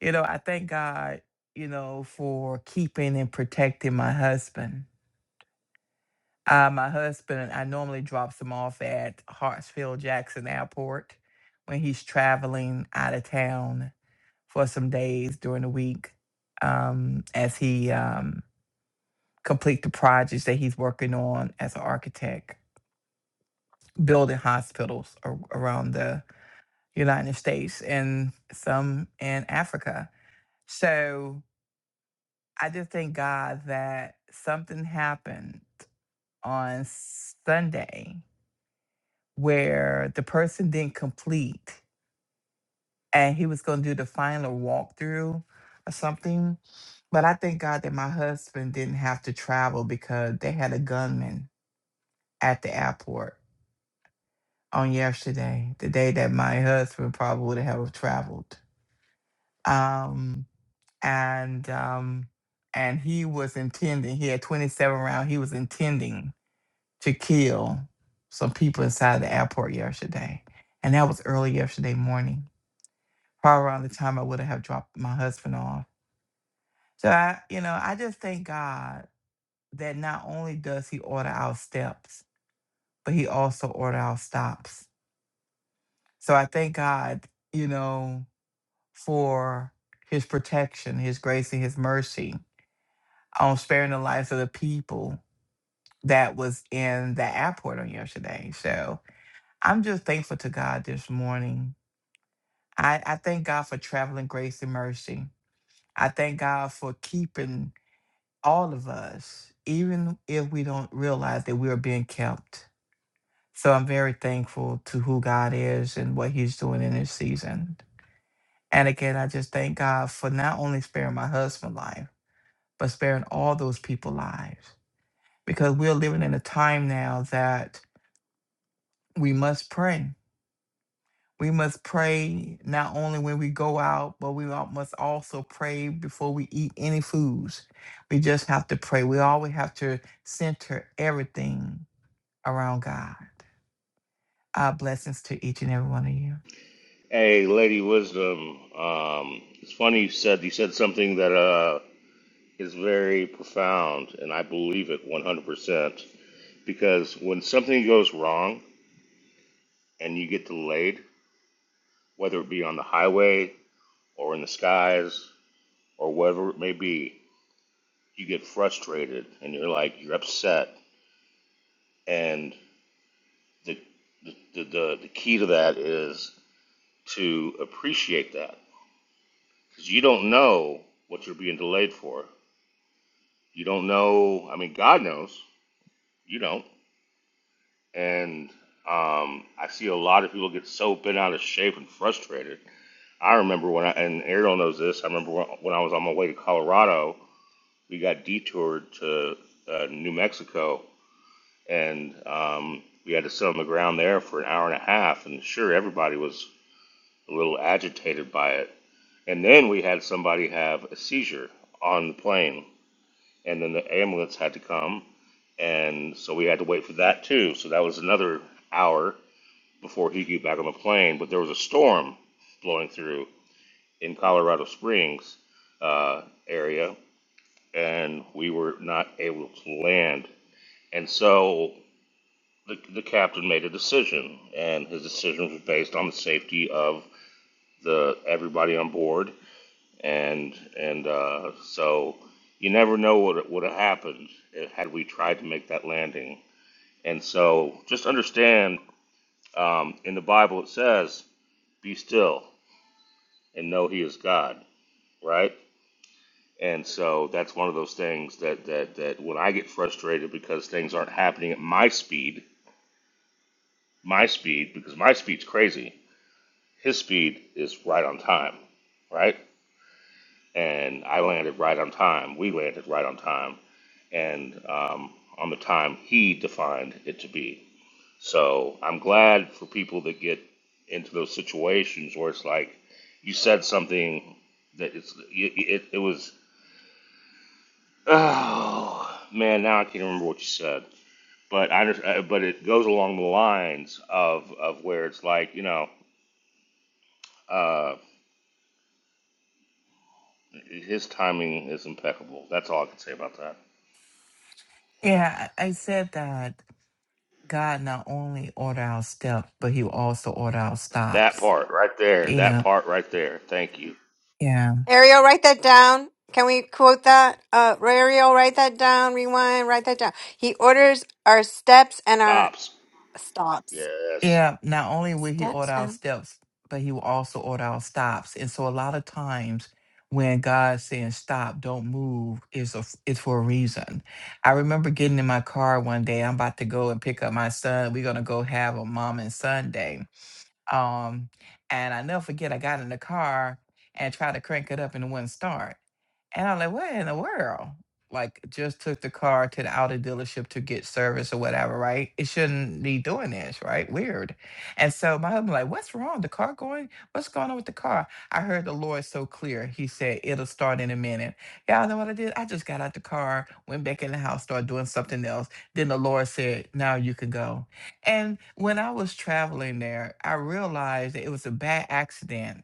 Speaker 6: You know, I thank God, you know, for keeping and protecting my husband. Uh, my husband, I normally drops him off at Hartsfield Jackson Airport when he's traveling out of town for some days during the week. Um, as he um complete the projects that he's working on as an architect, building hospitals ar- around the United States and some in Africa. So I just thank God that something happened on Sunday where the person didn't complete and he was going to do the final walkthrough or something. But I thank God that my husband didn't have to travel because they had a gunman at the airport on yesterday, the day that my husband probably would have traveled. Um, and um, and he was intending. He had 27 rounds. He was intending to kill some people inside the airport yesterday, and that was early yesterday morning, probably around the time I would have dropped my husband off. So I, you know, I just thank God that not only does He order our steps, but He also order our stops. So I thank God, you know. for his protection, his grace, and his mercy on sparing the lives of the people that was in the airport on yesterday. So I'm just thankful to God this morning. I, I thank God for traveling grace and mercy. I thank God for keeping all of us, even if we don't realize that we are being kept. So I'm very thankful to who God is and what He's doing in this season. And again, I just thank God for not only sparing my husband's life but sparing all those people lives. Because we're living in a time now that we must pray. We must pray not only when we go out, but we al- must also pray before we eat any foods. We just have to pray. We always have to center everything around God. Our blessings to each and every one of you.
Speaker 2: Hey, Lady Wisdom. Um, it's funny you said you said something that uh, is very profound, and I believe it 100%. Because when something goes wrong and you get delayed, whether it be on the highway or in the skies or whatever it may be, you get frustrated and you're like you're upset. And the the the, the, the key to that is to appreciate that because you don't know what you're being delayed for. You don't know. I mean, God knows. You don't. And um, I see a lot of people get so bent out of shape and frustrated. I remember when I, and Ariel knows this, I remember when I was on my way to Colorado, we got detoured to uh, New Mexico and um, we had to sit on the ground there for an hour and a half. And sure, everybody was a little agitated by it. And then we had somebody have a seizure on the plane. And then the ambulance had to come and so we had to wait for that too. So that was another hour before he got back on the plane. But there was a storm blowing through in Colorado Springs uh, area, and we were not able to land. And so the, the captain made a decision, and his decision was based on the safety of the everybody on board. And and uh, so you never know what would have happened uh, had we tried to make that landing. And so just understand Um, in the Bible, it says, "Be still and know He is God." Right, and so that's one of those things that that that when I get frustrated because things aren't happening at my speed, my speed because my speed's crazy. His speed is right on time, right? And I landed right on time. We landed right on time, and um, on the time He defined it to be So I'm glad for people that get into those situations where it's like you said something that it's it, it, it was oh man now I can't remember what you said but I under- uh, but it goes along the lines of of where it's like you know uh, his timing is impeccable that's all I can say about that
Speaker 6: Yeah, I I said that God not only order our steps, but He will also order our
Speaker 2: that
Speaker 6: stops.
Speaker 2: part right there
Speaker 6: You
Speaker 2: that
Speaker 6: know,
Speaker 2: part right there thank you
Speaker 6: yeah.
Speaker 1: Ariel, write that down. Can we quote that? Uh, Ariel, write that down. Rewind, write that down. He orders our steps and our
Speaker 2: stops
Speaker 1: stops.
Speaker 2: yes
Speaker 6: Yeah, not only will he order our steps, but he will also order our stops. And so a lot of times when God's saying stop, don't move, is a is for a reason. I remember getting in my car one day, I'm about to go and pick up my son. We're gonna go have a mom and son day. Um, and I never forget I got in the car and tried to crank it up and it wouldn't start. And I'm like, what in the world? Like, just took the car to the Audi dealership to get service or whatever, right? It shouldn't be doing this, right? Weird. And so my husband, like, what's wrong? The car going? What's going on with the car? I heard the Lord so clear. He said, it'll start in a minute. Y'all know what I did? I just got out the car, went back in the house, started doing something else. Then the Lord said, now you can go. And when I was traveling there, I realized that it was a bad accident.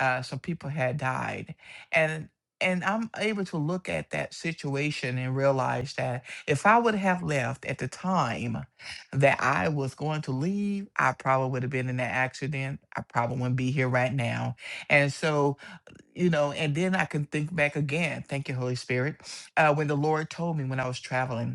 Speaker 6: Uh, some people had died. And and I'm able to look at that situation and realize that if I would have left at the time that I was going to leave, I probably would have been in that accident. I probably wouldn't be here right now. And so, you know, and then I can think back again. Thank you, Holy Spirit. Uh, when the Lord told me when I was traveling,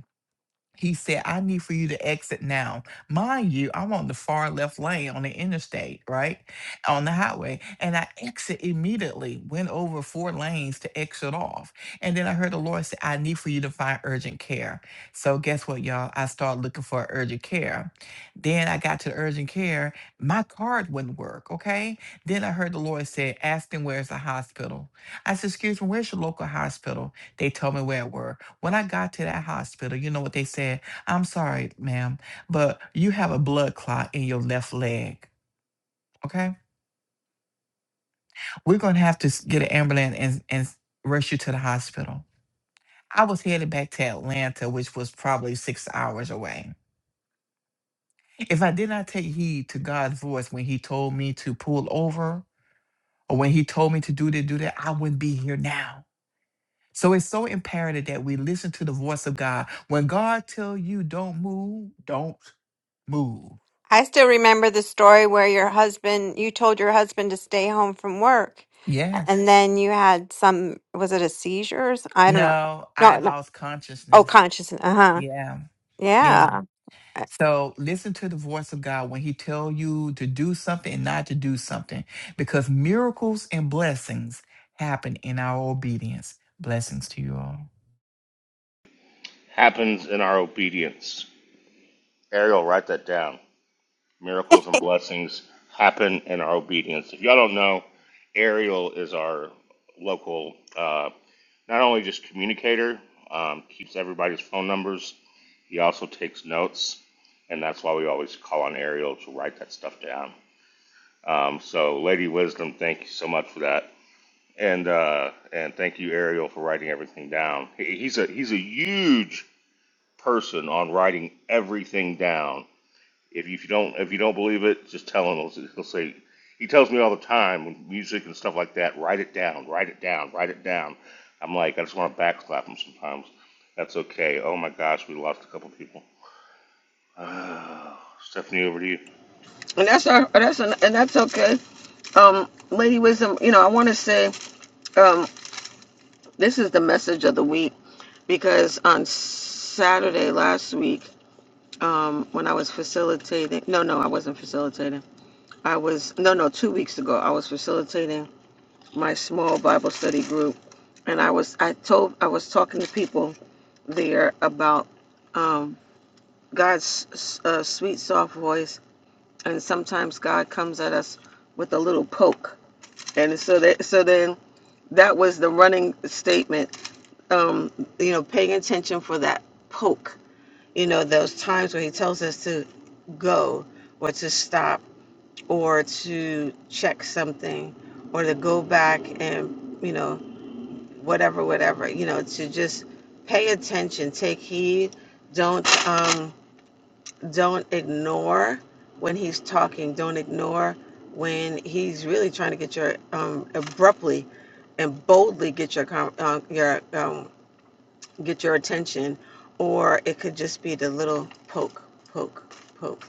Speaker 6: he said, I need for you to exit now. Mind you, I'm on the far left lane on the interstate, right? On the highway. And I exit immediately, went over four lanes to exit off. And then I heard the Lord say, I need for you to find urgent care. So guess what, y'all? I started looking for urgent care. Then I got to the urgent care. My card wouldn't work, okay? Then I heard the Lord say, ask them where's the hospital. I said, excuse me, where's your local hospital? They told me where it were. When I got to that hospital, you know what they said? I'm sorry, ma'am, but you have a blood clot in your left leg. Okay? We're gonna have to s- get an ambulance and, and s- rush you to the hospital. I was headed back to Atlanta, which was probably six hours away. If I did not take heed to God's voice when He told me to pull over or when He told me to do this, do that, I wouldn't be here now. So it's so imperative that we listen to the voice of God. When God tell you don't move, don't move.
Speaker 1: I still remember the story where your husband, you told your husband to stay home from work,
Speaker 6: Yes.
Speaker 1: and then you had some, was it a seizure? or s- I don't know.
Speaker 6: No, I
Speaker 1: No, no.
Speaker 6: lost
Speaker 1: Oh,
Speaker 6: consciousness.
Speaker 1: consciousness. Uh huh.
Speaker 6: Yeah. Yeah.
Speaker 1: Yeah. Uh,
Speaker 6: So listen to the voice of God when he tell you to do something and not to do something because miracles and blessings happen in our obedience. Blessings to you all.
Speaker 2: happens in our obedience Ariel write that down miracles and blessings happen in our obedience. If y'all don't know, Ariel is our local, uh, not only just communicator, um, keeps everybody's phone numbers, he also takes notes, and that's why we always call on Ariel to write that stuff down. Um, so, Lady Wisdom, thank you so much for that. And uh, and thank you, Ariel, for writing everything down. He, he's a he's a huge person on writing everything down if you, if you don't if you don't believe it, just tell him. He'll, he'll say he tells me all the time when music and stuff like that. Write it down. Write it down. Write it down. I'm like I just want to backslap him sometimes. That's okay. Oh my gosh, we lost a couple people. Uh, Stephanie, over to you.
Speaker 4: and that's our that's an, and that's okay. Um, Lady Wisdom, you know, I want to say. Um. This is the message of the week because on Saturday last week, um, when I was facilitating, no, no, I wasn't facilitating. I was, no, no, two weeks ago, I was facilitating my small Bible study group. And I was, I told, I was talking to people there about um, God's uh, sweet, soft voice. And sometimes God comes at us with a little poke. And so that, so then that was the running statement um, you know, paying attention for that poke. You know, those times where he tells us to go or to stop or to check something or to go back and, you know, whatever, whatever, you know, to just pay attention, take heed, don't um don't ignore when he's talking, don't ignore when he's really trying to get your um abruptly and boldly get your com- uh, your um get your attention, or it could just be the little poke, poke, poke.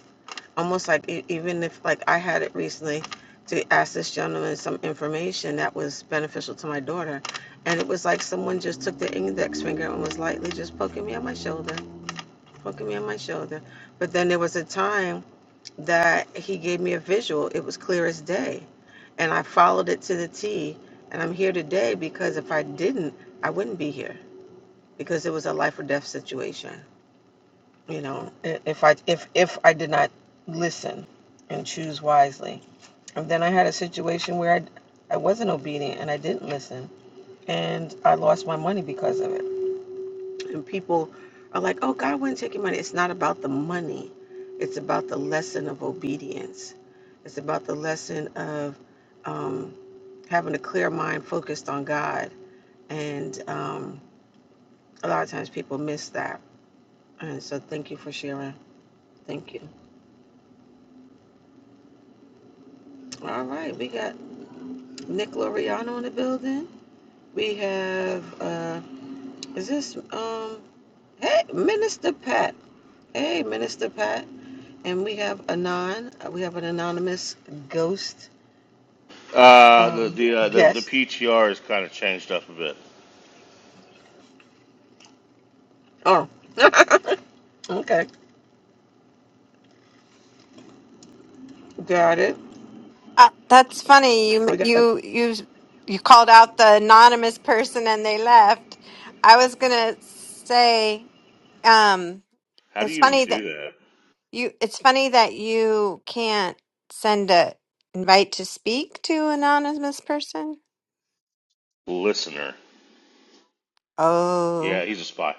Speaker 4: Almost like e- even if like I had it recently to ask this gentleman some information that was beneficial to my daughter, and it was like someone just took the index finger and was lightly just poking me on my shoulder, poking me on my shoulder. But then there was a time that he gave me a visual. It was clear as day, and I followed it to the T. And I'm here today because if I didn't, I wouldn't be here because it was a life or death situation. You know, if I if if I did not listen and choose wisely, and then I had a situation where I I wasn't obedient and I didn't listen, and I lost my money because of it. And people are like, "Oh, God wouldn't take your money." It's not about the money; it's about the lesson of obedience. It's about the lesson of um, having a clear mind focused on God, and um, a lot of times people miss that All right. so thank you for sharing. Thank you. All right, we got Nick Loriano in the building. We have uh is this um hey Minister Pat. Hey Minister Pat. And we have Anon. Uh, We have an anonymous ghost
Speaker 2: Uh, the
Speaker 4: um
Speaker 2: the uh, the the
Speaker 4: guest.
Speaker 2: PTR is kind of changed up a bit.
Speaker 4: Oh. okay. Got it.
Speaker 1: uh, that's funny. You
Speaker 4: We got a,
Speaker 1: you you you called out the anonymous person and they left. I was gonna say. Um,
Speaker 2: How do
Speaker 1: it's
Speaker 2: you even
Speaker 1: funny that
Speaker 2: do that,
Speaker 1: you. It's funny that you can't send a invite to speak to an anonymous person.
Speaker 2: listener?
Speaker 1: Oh,
Speaker 2: Yeah, he's a spy.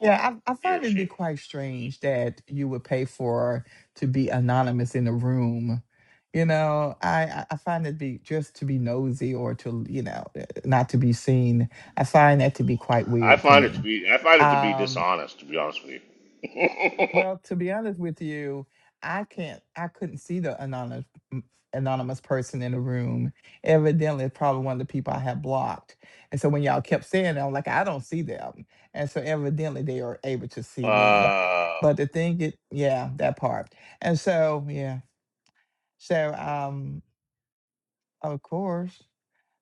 Speaker 6: Yeah, I, I
Speaker 2: He
Speaker 6: find
Speaker 2: or
Speaker 6: it to be
Speaker 2: she.
Speaker 6: quite strange that you would pay for to be anonymous in a room. You know, I, I I find it be just to be nosy or to, you know, eh, not to be seen. I find that to be quite
Speaker 2: I
Speaker 6: weird to
Speaker 2: find it to
Speaker 6: me.
Speaker 2: be I find it to be
Speaker 6: Um,
Speaker 2: dishonest. To be honest with you.
Speaker 6: well, to be honest with you, I can't. I couldn't see the anonymous m- anonymous person in the room. Evidently, it's probably one of the people I have blocked. And so when y'all kept saying that, I'm like, I don't see them. And so evidently, they are able to see me.
Speaker 2: uh,
Speaker 6: But the thing, it yeah, that part. And so yeah, so um, of course.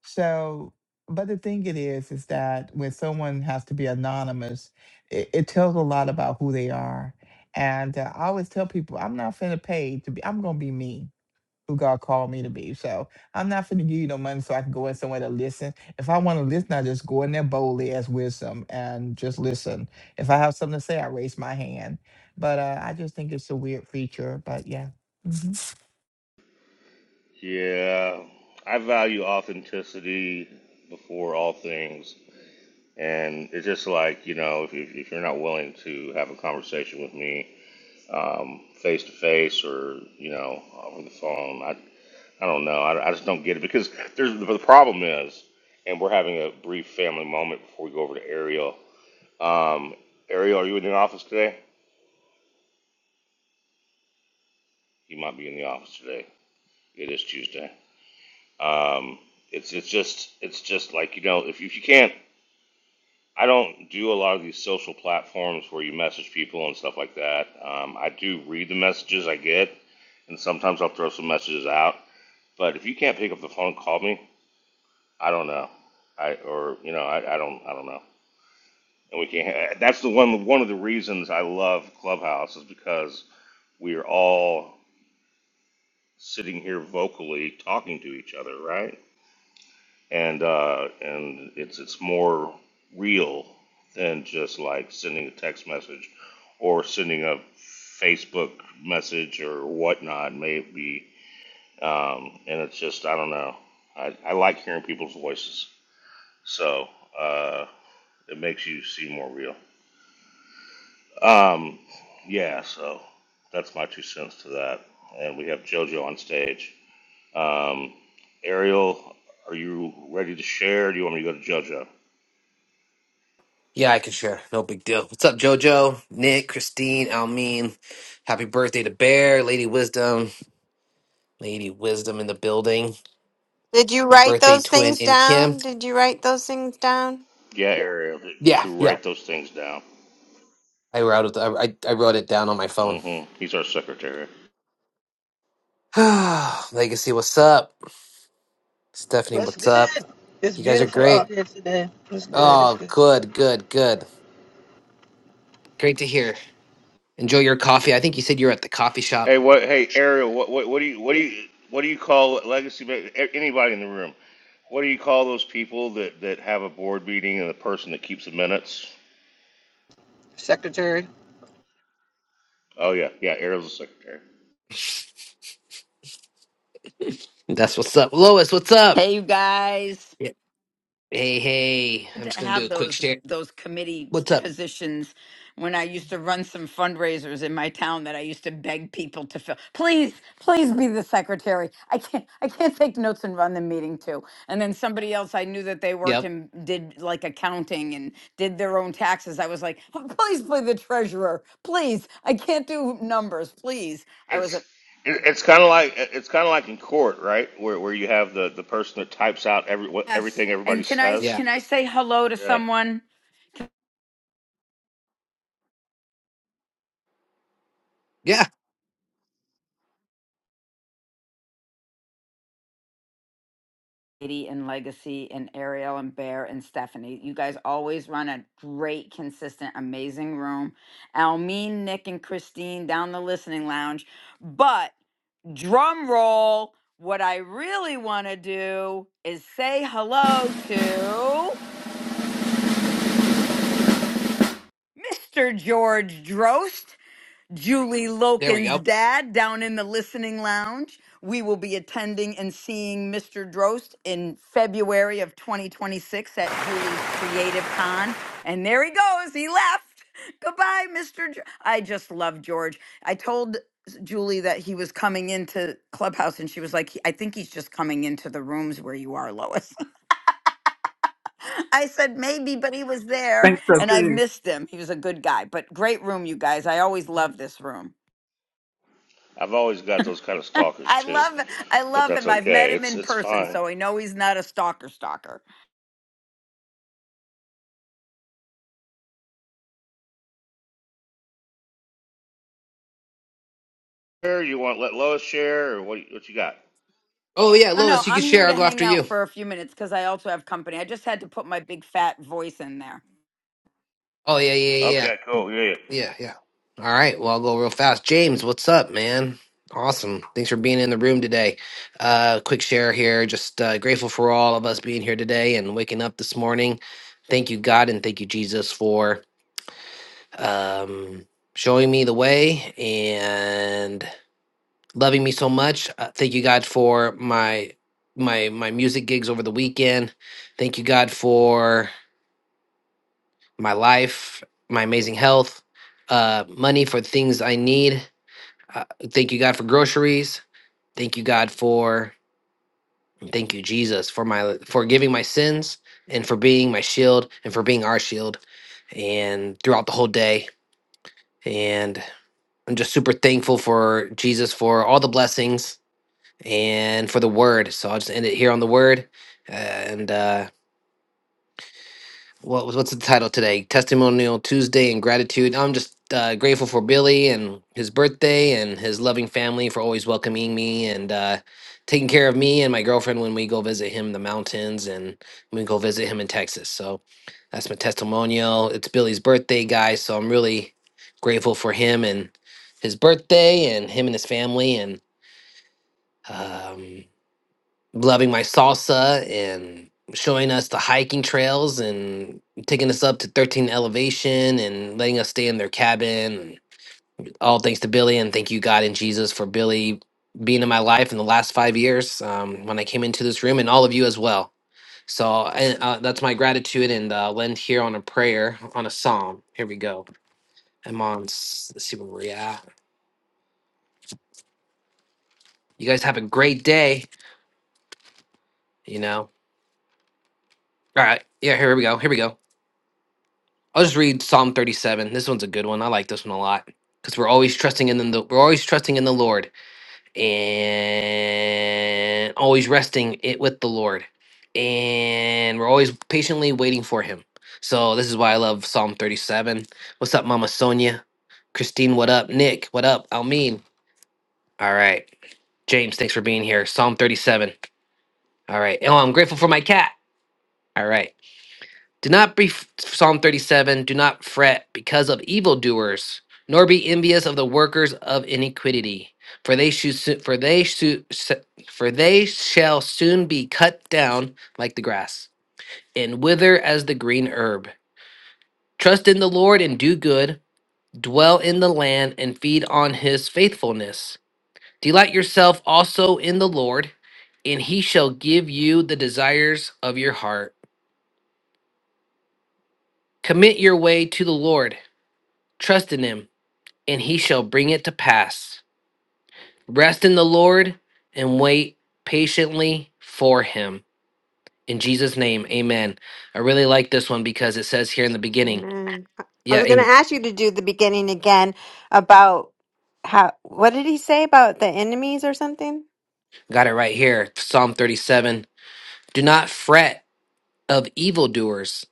Speaker 6: So, but the thing it is, is that when someone has to be anonymous, it, it tells a lot about who they are. And uh, I always tell people, I'm not finna pay to be, I'm gonna be me, who God called me to be. So I'm not finna give you no money so I can go in somewhere to listen. If I wanna listen, I just go in there boldly as wisdom and just listen. If I have something to say, I raise my hand. But uh, I just think it's a weird feature, but yeah. Mm-hmm.
Speaker 2: Yeah, I value authenticity before all things. And it's just like, you know, if, if, if you're not willing to have a conversation with me um, face to face or, you know, over the phone, I, I don't know. I, I just don't get it because there's the problem is, and we're having a brief family moment before we go over to Ariel. Um, Ariel, are you in the office today? You might be in the office today. It is Tuesday. Um, it's it's just it's just like you know if you, if you can't I don't do a lot of these social platforms where you message people and stuff like that. Um, I do read the messages I get, and sometimes I'll throw some messages out. But if you can't pick up the phone, and call me. I don't know. I or you know I, I don't I don't know. And we can't. uh, That's the one one of the reasons I love Clubhouse is because we are all sitting here vocally talking to each other, right? and uh, and it's it's more real than just like sending a text message or sending a Facebook message or whatnot. Maybe um, and it's just I don't know. I, I like hearing people's voices, so uh, it makes you seem more real. Um, yeah, so that's my two cents to that. And we have JoJo on stage. Um, Ariel, are you ready to share? Or do you want me to go to JoJo?
Speaker 3: Yeah, I can share. No big deal. What's up, JoJo, Nick, Christine, Almeen? Happy birthday to Bear, Lady Wisdom, Lady Wisdom in the building.
Speaker 1: did you
Speaker 3: My
Speaker 1: write
Speaker 3: birthday
Speaker 1: those
Speaker 3: twin
Speaker 1: things
Speaker 3: in Kim.
Speaker 1: down? Did you write those things down?
Speaker 2: Yeah, Ariel, did, did
Speaker 3: Yeah,
Speaker 2: you
Speaker 3: yeah.
Speaker 2: write those things down?
Speaker 3: I wrote it. I, I wrote it down on my phone.
Speaker 2: Mm-hmm. He's our secretary.
Speaker 3: Legacy, what's up? Stephanie,
Speaker 4: what's
Speaker 3: what's
Speaker 4: good?
Speaker 3: up?
Speaker 4: It's
Speaker 3: You guys are
Speaker 4: beautiful
Speaker 3: great.
Speaker 4: out here today. It's good, it's
Speaker 3: Oh,
Speaker 4: good.
Speaker 3: good, good, good. Great to hear. Enjoy your coffee. I think you said you're at the coffee shop.
Speaker 2: Hey, what? Hey, Ariel, what? What, what do you? What do you? What do you call legacy? ma- a- Anybody in the room? What do you call those people that that have a board meeting and the person that keeps the minutes?
Speaker 4: Secretary.
Speaker 2: Oh yeah, yeah. Ariel's the secretary.
Speaker 3: That's what's up. Lois, what's up?
Speaker 7: Hey, you guys.
Speaker 3: Yeah. Hey, hey.
Speaker 7: Good
Speaker 3: I'm
Speaker 7: To
Speaker 3: just gonna do a
Speaker 7: have
Speaker 3: quick
Speaker 7: those
Speaker 3: share.
Speaker 7: those committee
Speaker 3: What's up?
Speaker 7: positions when I used to run some fundraisers in my town that I used to beg people to fill. Please, please be the secretary. I can't I can't take notes and run the meeting too. And then somebody else I knew that they worked
Speaker 3: Yep.
Speaker 7: and did like accounting and did their own taxes. I was like, "Oh, please play the treasurer. Please. I can't do numbers. Please. I was
Speaker 2: It's
Speaker 7: a
Speaker 2: it, it's kind of like it's kind of like in court, right? Where where you have the the person that types out every what,
Speaker 7: yes.
Speaker 2: everything everybody
Speaker 7: And can I
Speaker 3: Yeah.
Speaker 2: says.
Speaker 7: can I say hello to
Speaker 2: Yeah,
Speaker 7: someone?
Speaker 3: Yeah,
Speaker 7: Katie and Legacy and Ariel and Bear and Stephanie. You guys always run a great, consistent, amazing room. Almeen, Nick, and Christine down the listening lounge. But drum roll, what I really want to do is say hello to Mr. George Drost. Julie
Speaker 3: there we
Speaker 7: Loken's
Speaker 3: go.
Speaker 7: dad down in the listening lounge. We will be attending and seeing Mr. Drost in February of 2026 at Julie's Creative Con. And there he goes. He left. Goodbye, Mr. Dr- I just love George. I told s- Julie that he was coming into Clubhouse and she was like, "He- I think he's just coming into the rooms where you are, Lois. I said, maybe, but he was there
Speaker 8: think so
Speaker 7: and I've
Speaker 8: too.
Speaker 7: missed him. He was a good guy, but great room, you guys. I always love this room.
Speaker 2: I've always got those kind of stalkers
Speaker 7: I
Speaker 2: too,
Speaker 7: love I
Speaker 2: but
Speaker 7: love
Speaker 2: that's
Speaker 7: him. I've met
Speaker 2: okay.
Speaker 7: him
Speaker 2: It's
Speaker 7: in
Speaker 2: it's
Speaker 7: person,
Speaker 2: fine.
Speaker 7: so I know he's not a stalker stalker.
Speaker 2: share? You want to let Lois share, or what? What you got?
Speaker 3: Oh yeah,
Speaker 7: No, no,
Speaker 3: Lois, you can
Speaker 7: I'm here
Speaker 3: share. I'll
Speaker 7: to
Speaker 3: go
Speaker 7: hang
Speaker 3: after you.
Speaker 7: out for a few minutes because I also have company. I just had to put my big fat voice in there.
Speaker 3: Oh yeah, yeah, yeah,
Speaker 2: Okay, cool. Yeah, yeah.
Speaker 3: yeah, yeah. All right, well I'll go real fast. James, what's up, man? Awesome. Thanks for being in the room today. Uh, quick share here. Just uh, grateful for all of us being here today and waking up this morning. Thank you, God, and thank you, Jesus, for um, showing me the way and loving me so much. Uh, thank you, God, for my my my music gigs over the weekend. Thank you, God, for my life, my amazing health, uh, money for things I need. Uh, thank you, God, for groceries. Thank you, God, for thank you, Jesus, for my for giving my sins and for being my shield and for being our shield, and throughout the whole day. And I'm just super thankful for Jesus for all the blessings and for the Word. So I'll just end it here on the Word, and uh, what was what's the title today? Testimonial Tuesday and gratitude. I'm just uh, grateful for Billy and his birthday and his loving family for always welcoming me and uh, taking care of me and my girlfriend when we go visit him in the mountains and when we go visit him in Texas. So that's my testimonial. It's Billy's birthday, guys. So I'm really grateful for him and his birthday and him and his family and. Um, loving my salsa and showing us the hiking trails and taking us up to 13 elevation and letting us stay in their cabin. All thanks to Billy and thank you, God and Jesus, for Billy being in my life in the last five years um, when I came into this room and all of you as well. So and, uh, that's my gratitude and uh, I'll end here on a prayer, on a psalm. Here we go. I'm on, s- let's see where we're at. You guys have a great day, you know. All right. Yeah, here we go. Here we go. I'll just read Psalm 37. This one's a good one. I like this one a lot because we're always trusting in the we're always trusting in the Lord and always resting it with the Lord and we're always patiently waiting for Him. So this is why I love Psalm 37. What's up, Mama Sonia? Christine, what up? Nick, what up? Almin. All right. James, thanks for being here. Psalm 37. All right. Oh, I'm grateful for my cat. All right. Do not be Psalm 37, do not fret because of evildoers, nor be envious of the workers of iniquity, for they should for they should, for they shall soon be cut down like the grass and wither as the green herb. Trust in the Lord and do good, dwell in the land and feed on his faithfulness. Delight yourself also in the Lord, and he shall give you the desires of your heart. Commit your way to the Lord, trust in him and he shall bring it to pass. Rest in the Lord and wait patiently for him. In Jesus' name, amen. I really like this one because it says here in the beginning,
Speaker 1: Amen. I I
Speaker 3: yeah,
Speaker 1: was going to
Speaker 3: it-
Speaker 1: ask you to do the beginning again about how, what did he say about the enemies or something?
Speaker 3: got it right here, Psalm 37. Do not fret of evildoers,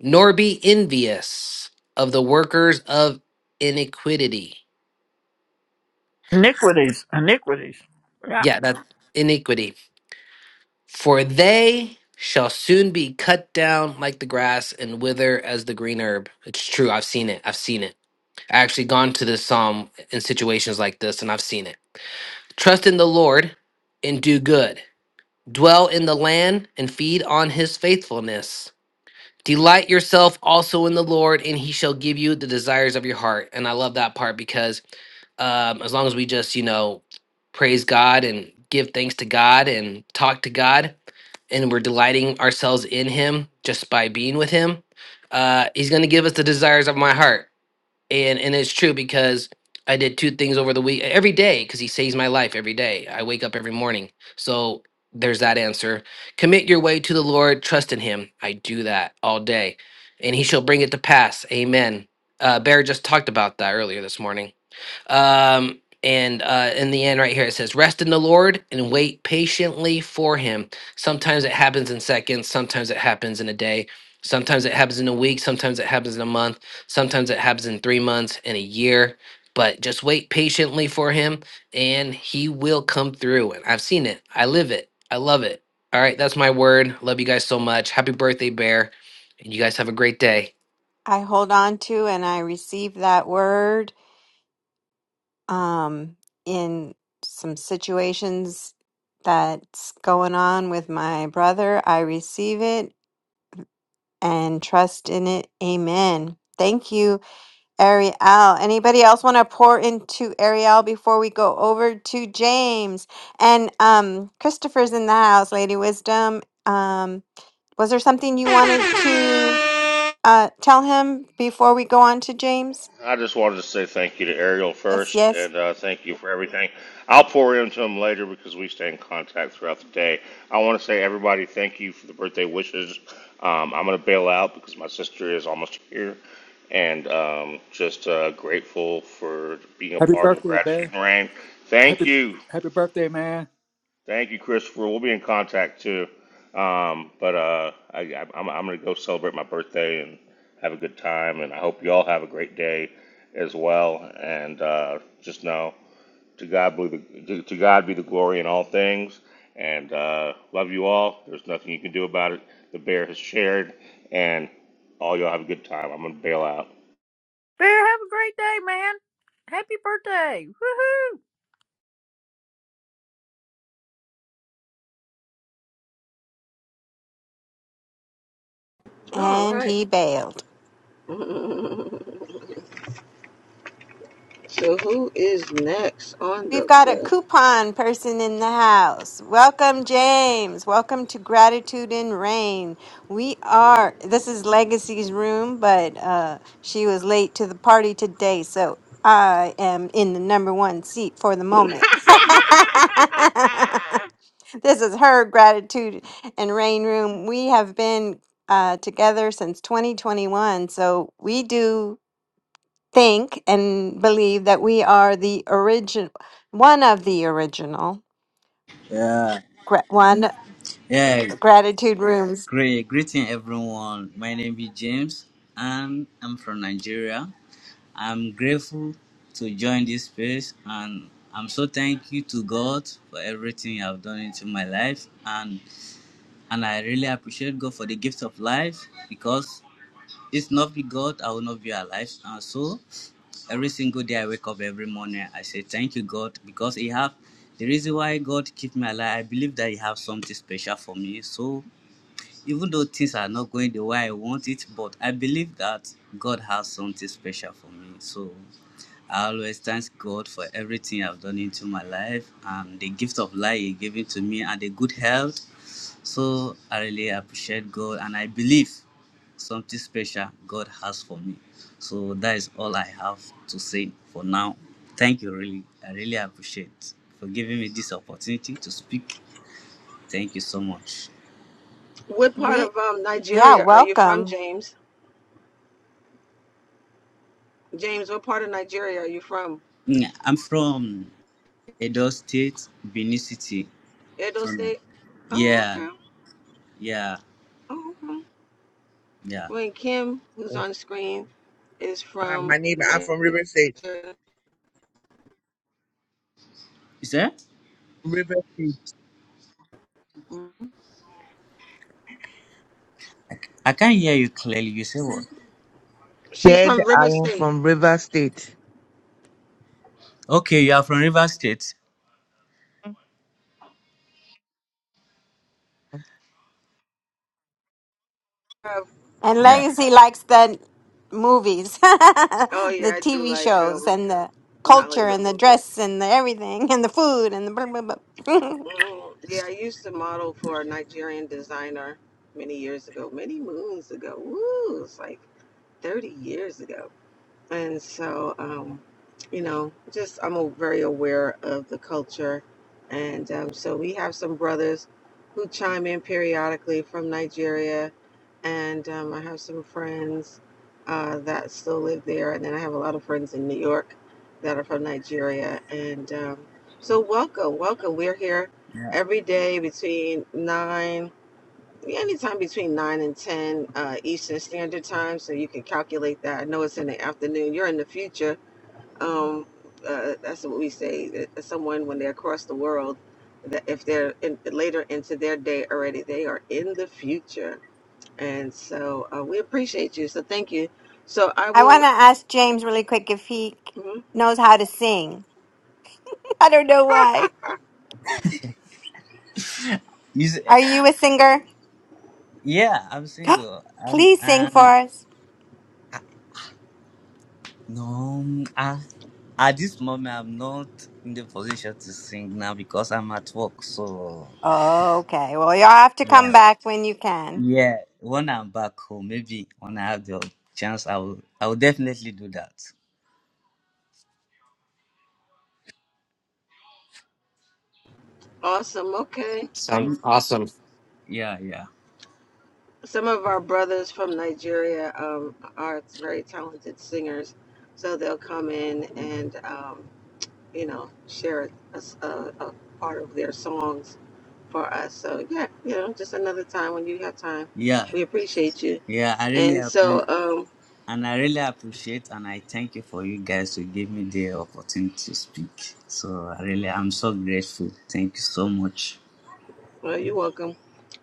Speaker 3: nor be envious of the workers of iniquity.
Speaker 8: Iniquities, iniquities. Yeah.
Speaker 3: Yeah, that iniquity For they shall soon be cut down like the grass and wither as the green herb. It's true. I've seen it. I've seen it. I actually gone to this psalm in situations like this and I've seen it. Trust in the Lord and do good. Dwell in the land and feed on his faithfulness. Delight yourself also in the Lord, and he shall give you the desires of your heart. And I love that part because um, as long as we just, you know, praise God and give thanks to God and talk to God, and we're delighting ourselves in him just by being with him uh he's going to give us the desires of my heart and and it's true because i did two things over the week every day because he saves my life every day i wake up every morning so there's that answer commit your way to the lord trust in him i do that all day and he shall bring it to pass amen uh bear just talked about that earlier this morning um, and uh, in the end, right here, it says, Rest in the Lord and wait patiently for Him. Sometimes it happens in seconds, sometimes it happens in a day, sometimes it happens in a week, sometimes it happens in a month, sometimes it happens in three months, and a year. But just wait patiently for Him and He will come through. And I've seen it, I live it, I love it. All right, that's my word. Love you guys so much. Happy birthday, Bear. And you guys have a great day.
Speaker 1: I hold on to and I receive that word um, in some situations that's going on with my brother. I receive it and trust in it. Amen. Thank you, Ariel. Anybody else want to pour into Ariel before we go over to James? And um, Christopher's in the house, Lady Wisdom. Um, was there something you wanted to uh, tell him before we go on to James?
Speaker 2: I just wanted to say thank you to Ariel
Speaker 1: Yes,
Speaker 2: first,
Speaker 1: yes.
Speaker 2: and uh, thank you for everything. I'll pour into him later because we stay in contact throughout the day. I want to say everybody thank you for the birthday wishes. Um, I'm gonna bail out because my sister is almost here, and um, just uh, grateful for being a
Speaker 9: Happy
Speaker 2: part of the
Speaker 9: birthday,
Speaker 2: gratitude
Speaker 9: Bear.
Speaker 2: and rain. Thank
Speaker 9: Happy
Speaker 2: you.
Speaker 9: happy birthday, man.
Speaker 2: Thank you, Christopher. We'll be in contact too. Um, but uh, I, I, I'm, I'm going to go celebrate my birthday and have a good time. And I hope you all have a great day as well. And uh, just know to God be the, to, to God be the glory in all things. And uh, love you all. There's nothing you can do about it. The bear has shared, and all y'all have a good time. I'm going to bail out.
Speaker 8: Bear, have a great day, man. Happy birthday. Woohoo.
Speaker 4: All
Speaker 1: And
Speaker 4: right.
Speaker 1: he bailed.
Speaker 4: So who is next on
Speaker 1: We've
Speaker 4: the
Speaker 1: got a
Speaker 4: list?
Speaker 1: coupon person in the house. Welcome, James. Welcome to Gratitude in Rain. We are, this is Legacy's room, but uh, she was late to the party today. So I am in the number one seat for the moment. this is her Gratitude and Rain room. We have been uh, together since 2021. So we do think and believe that we are the origin, one of the original,
Speaker 10: Yeah,
Speaker 1: gra- one Mhm.
Speaker 10: yeah.
Speaker 1: gratitude rooms.
Speaker 10: Great, greeting everyone. My name is James, and I'm from Nigeria. I'm grateful to join this space, and I'm so thankful to God for everything I've done into my life, and and I really appreciate God for the gift of life because it's not be God, I will not be alive, and so every single day I wake up every morning, I say thank you God because He have the reason why God keep me alive. I believe that He have something special for me, so Even though things are not going the way I want it, but I believe that God has something special for me. So I always thank God for everything I've done into my life and the gift of life He gave it to me and the good health. So I really appreciate God and I believe something special God has for me. So that is all I have to say for now. Thank you, really. I really appreciate for giving me this opportunity to speak. Thank you so much.
Speaker 4: What part
Speaker 1: We,
Speaker 4: of um
Speaker 1: yeah,
Speaker 4: Nigeria are you from,
Speaker 1: welcome.
Speaker 4: James? James, what part of Nigeria are you from?
Speaker 10: Mm, I'm from Edo State, Benin City.
Speaker 4: Edo
Speaker 10: Ghana.
Speaker 4: State. Oh,
Speaker 10: Yeah,
Speaker 4: okay.
Speaker 10: yeah,
Speaker 4: Oh, okay.
Speaker 10: yeah.
Speaker 4: When Kim, who's
Speaker 11: Uh,
Speaker 4: on screen, is from
Speaker 11: my neighbor, I'm
Speaker 4: Nigeria.
Speaker 11: from River State.
Speaker 10: Is that?
Speaker 11: River State.
Speaker 10: I c- I can't hear you clearly. You say what?
Speaker 4: She's
Speaker 11: Said
Speaker 4: from
Speaker 11: I
Speaker 4: River
Speaker 11: am
Speaker 4: State.
Speaker 11: from
Speaker 4: She
Speaker 11: River State.
Speaker 10: Okay, you are from River State.
Speaker 4: have-
Speaker 1: And
Speaker 10: Yeah,
Speaker 1: Legacy likes the movies,
Speaker 4: Oh yeah,
Speaker 1: the
Speaker 4: I do
Speaker 1: TV
Speaker 4: like
Speaker 1: shows,
Speaker 4: um
Speaker 1: and the culture, and
Speaker 4: Nollywood
Speaker 1: the
Speaker 4: movies.
Speaker 1: dress, and the everything, and the food, and the blah, blah, blah.
Speaker 4: Mm, yeah, I used to model for a Nigerian designer many years ago, many moons ago. Woo, it's like 30 years ago. And so, um, you know, just I'm a- very aware of the culture. And um, so we have some brothers who chime in periodically from Nigeria. And um, I have some friends uh, that still live there. And then I have a lot of friends in New York that are from Nigeria. And um, so, welcome, welcome. We're here
Speaker 10: yeah.
Speaker 4: every day between 9 yeah, Anytime between 9 and 10 uh, Eastern Standard Time, so you can calculate that. I know it's in the afternoon. You're in the future. Um, uh, that's what we say. that Someone, when they're across the world, that if they're in, later into their day already, they are in the future. And so uh, we appreciate you. So thank you. So I
Speaker 1: I want to
Speaker 4: will.
Speaker 1: ask James really quick if he c-
Speaker 4: mhm.
Speaker 1: knows how to sing. I don't know why.
Speaker 10: You say,
Speaker 1: Are you a singer?
Speaker 10: yeah, I'm single. I'm,
Speaker 1: Please sing for
Speaker 10: um,
Speaker 1: us.
Speaker 10: no, mm, ah, at this moment, I'm not in the position to sing now because I'm at work. So,
Speaker 1: Oh, Okay. Well, you'll have to come
Speaker 10: yeah,
Speaker 1: back when you can.
Speaker 10: yeah. When I'm back home, maybe when I have the chance, I will, I will definitely do that.
Speaker 4: Awesome. Okay.
Speaker 10: Can
Speaker 3: Sounds
Speaker 10: you?
Speaker 3: awesome.
Speaker 10: Yeah, yeah.
Speaker 4: Some of our brothers from Nigeria um, are very talented singers. So they'll come in and. Um, you know, share a, s- a- a part of their songs for us. So yeah, you know, just another time when you have time.
Speaker 10: Yeah,
Speaker 4: We appreciate you.
Speaker 10: yeah, I really
Speaker 4: And
Speaker 10: ap- and,
Speaker 4: so, um,
Speaker 10: and I really appreciate and I thank you for you guys to give me the opportunity to speak. So I really I'm so grateful. Thank you so much.
Speaker 4: well, you're welcome.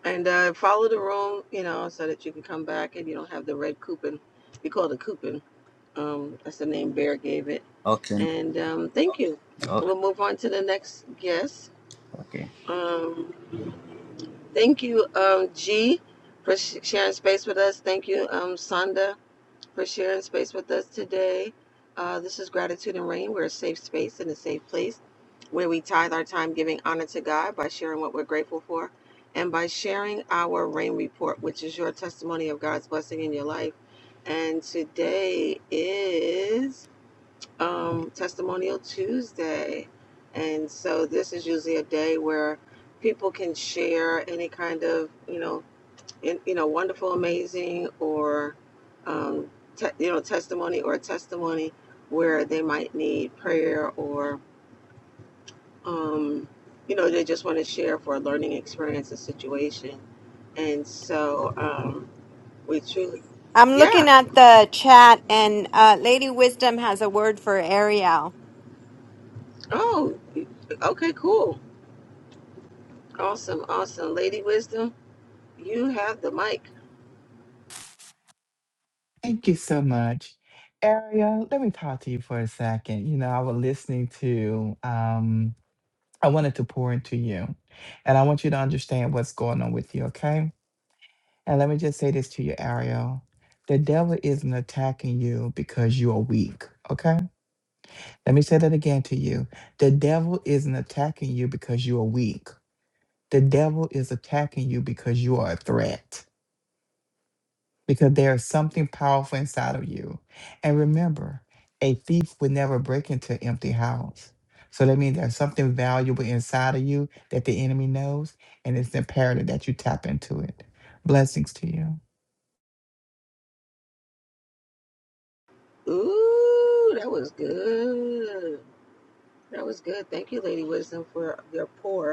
Speaker 4: And uh, follow the room, you know, so that you can come back and you don't have the red coupon. We call it a coupon. Um, that's the name Bear gave it.
Speaker 10: Okay.
Speaker 4: And um, thank you.
Speaker 10: Okay.
Speaker 4: We'll move on to the next guest.
Speaker 10: Okay.
Speaker 4: Um, thank you, um, G, for sh- sharing space with us. Thank you, um, Sonda for sharing space with us today. Uh, this is Gratitude and Rain. We're a safe space and a safe place where we tithe our time giving honor to God by sharing what we're grateful for and by sharing our rain report, which is your testimony of God's blessing in your life. And today is um, Testimonial Tuesday. And so this is usually a day where people can share any kind of, you know, and you know wonderful amazing or um, te- you know testimony or a testimony where they might need prayer or um, you know they just want to share for a learning experience or situation and so um, we truly
Speaker 1: I'm
Speaker 4: yeah
Speaker 1: looking at the chat, and uh, Lady Wisdom has a word for Ariel.
Speaker 4: oh okay cool awesome awesome lady wisdom you have the mic
Speaker 6: Thank you so much. Ariel, let me talk to you for a second. You know, I was listening to, um, I wanted to pour into you, and I want you to understand what's going on with you, okay? And let me just say this to you, Ariel. The devil isn't attacking you because you are weak, okay? Let me say that again to you. The devil isn't attacking you because you are weak. The devil is attacking you because you are a threat. because there is something powerful inside of you. And remember, a thief would never break into an empty house. So that means there's something valuable inside of you that the enemy knows, and it's imperative that you tap into it. Blessings to you.
Speaker 4: ooh that was good that was good thank you lady wisdom for your pour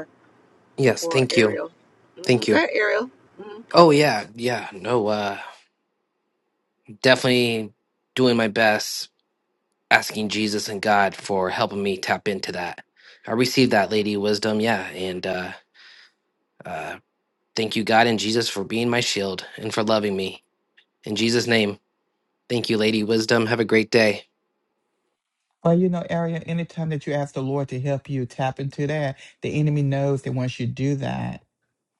Speaker 3: Yes,
Speaker 4: for
Speaker 3: thank you.
Speaker 4: Ariel. Mm-hmm.
Speaker 3: Thank
Speaker 4: Go
Speaker 3: you.
Speaker 4: ahead, Ariel. hmm
Speaker 3: Oh yeah, yeah. No, uh definitely doing my best asking Jesus and God for helping me tap into that. I received that lady wisdom, yeah, and uh uh thank you God and Jesus for being my shield and for loving me. In Jesus name. Thank you lady wisdom. Have a great day.
Speaker 6: Well, you know, Ariel, anytime that you ask the Lord to help you tap into that, the enemy knows that once you do that,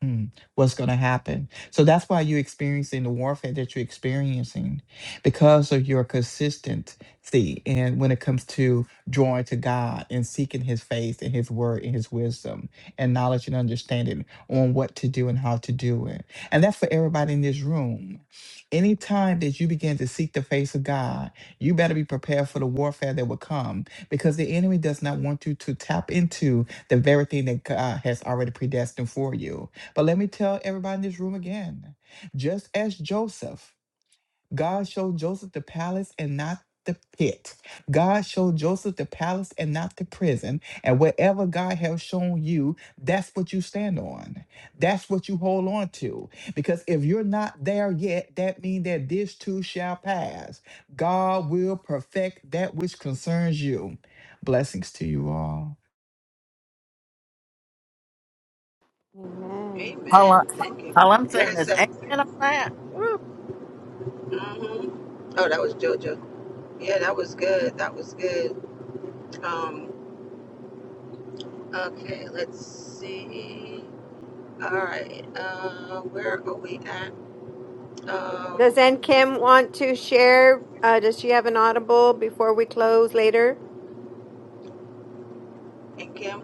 Speaker 6: Mm, what's going to happen. So that's why you're experiencing the warfare that you're experiencing because of your consistency. And when it comes to drawing to God and seeking His face and His word and His wisdom and knowledge and understanding on what to do and how to do it. And that's for everybody in this room. Anytime that you begin to seek the face of God, you better be prepared for the warfare that will come because the enemy does not want you to tap into the very thing that God has already predestined for you but let me tell everybody in this room again just as Joseph, God showed Joseph the palace and not the pit. God showed Joseph the palace and not the prison. And wherever God has shown you, that's what you stand on. That's what you hold on to. Because if you're not there yet, that means that this too shall pass. God will perfect that which concerns you. Blessings to you all.
Speaker 8: All, I,
Speaker 4: Amen. Thank
Speaker 8: all I'm
Speaker 4: you. Go
Speaker 8: saying
Speaker 4: ahead,
Speaker 8: is
Speaker 4: Sam.
Speaker 8: amen on that. Woo.
Speaker 4: hmm Oh, that was JoJo. Yeah, that was good. That was good. Um, okay, let's see. All right. Uh, where are we at?
Speaker 1: Does
Speaker 4: Um,
Speaker 1: N Kim want to share? Uh, does she have an audible before we close later?
Speaker 4: and Kim.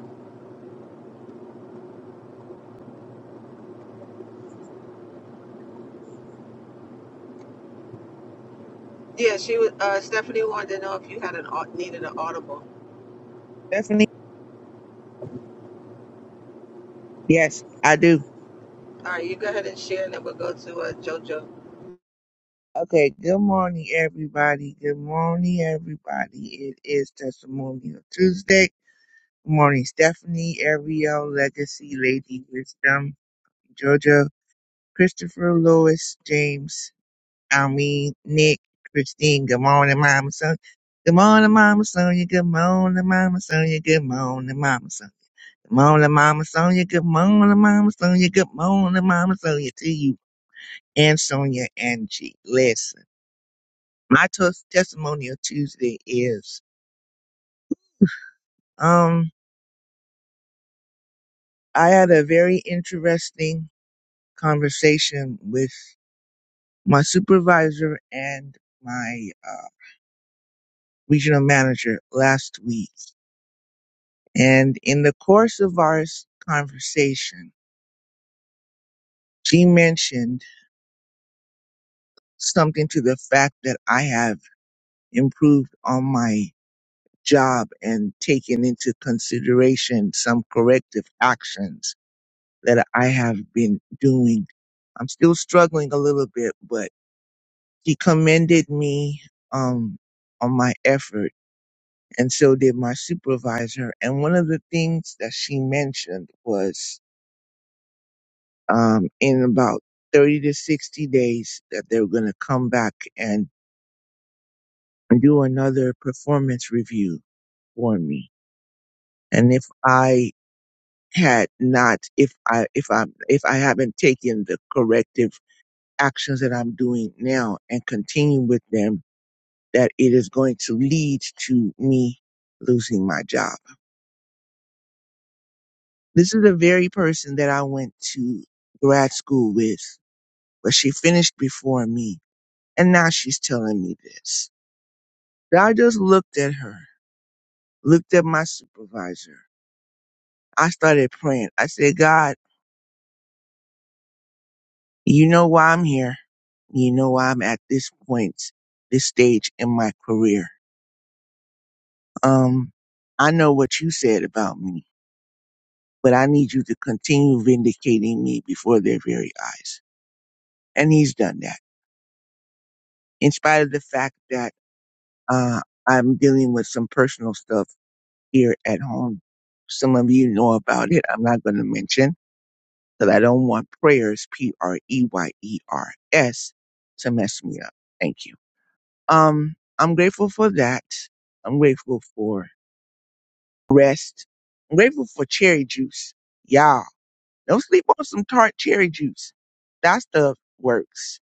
Speaker 4: Yeah, she was. Uh, Stephanie wanted to know if you had an au- needed an audible.
Speaker 11: Stephanie? Yes, I do.
Speaker 4: All right, you go ahead and share, and then we'll go to uh, JoJo.
Speaker 11: Okay, good morning, everybody. Good morning, everybody. It is Testimonial Tuesday. Good morning, Stephanie, Ariel, Legacy, Lady Wisdom, Jojo, Christopher, Lois, James, I mean, Nick, Christine. Good morning, Mama Sonia. Good morning, Mama Sonia. Good morning, Mama Sonia. Good morning, Mama Sonia. Morning, Mama Sonia. Good morning, Mama Sonia. Good morning, Mama Sonia. To you and Sonia and G. Listen, my tes- testimonial Tuesday is um I had a very interesting conversation with my supervisor and my uh, regional manager last week, and in the course of our s- conversation, she mentioned something to the fact that I have improved on my job and taking into consideration some corrective actions that I have been doing. I'm still struggling a little bit, but he commended me um, on my effort, and so did my supervisor. And one of the things that she mentioned was um, in about 30 to 60 days that they're going to come back and do another performance review for me. And if I had not if i if i if i haven't taken the corrective actions that i'm doing now and continue with them that it is going to lead to me losing my job this is the very person that i went to grad school with but she finished before me and now she's telling me this So i just looked at her looked at my supervisor i started praying i said god You know why I'm here. You know why I'm at this point, this stage in my career. Um, I know what you said about me, but I need you to continue vindicating me before their very eyes. And he's done that. In spite of the fact that, uh, I'm dealing with some personal stuff here at home. Some of you know about it. I'm not going to mention because I don't want prayers, P-R-E-Y-E-R-S, to mess me up. Thank you. Um, I'm grateful for that. I'm grateful for rest. I'm grateful for cherry juice. Y'all, don't sleep on some tart cherry juice. That stuff works.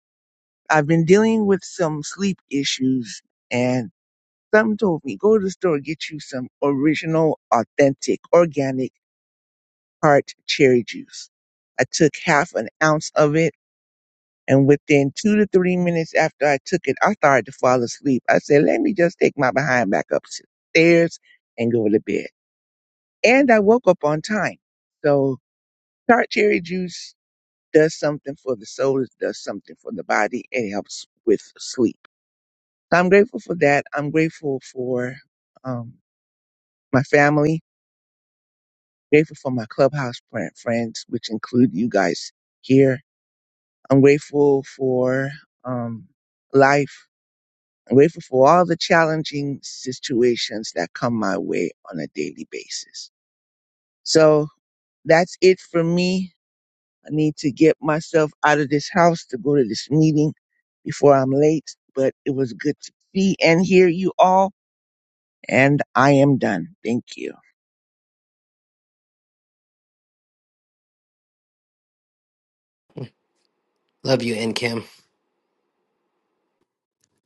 Speaker 11: I've been dealing with some sleep issues and some told me go to the store get you some original, authentic, organic tart cherry juice. I took half an ounce of it And within two to three minutes after I took it, I started to fall asleep. I said, let me just take my behind back upstairs and go to bed. And I woke up on time. So tart cherry juice does something for the soul. It does something for the body. It helps with sleep. So I'm grateful for that. I'm grateful for um, my family. Grateful for my clubhouse fri- friends, which include you guys here. I'm grateful for um, life. I'm grateful for all the challenging situations that come my way on a daily basis. So that's it for me. I need to get myself out of this house to go to this meeting before I'm late, but it was good to see and hear you all. And I am done. Thank you.
Speaker 3: Love you and Kim.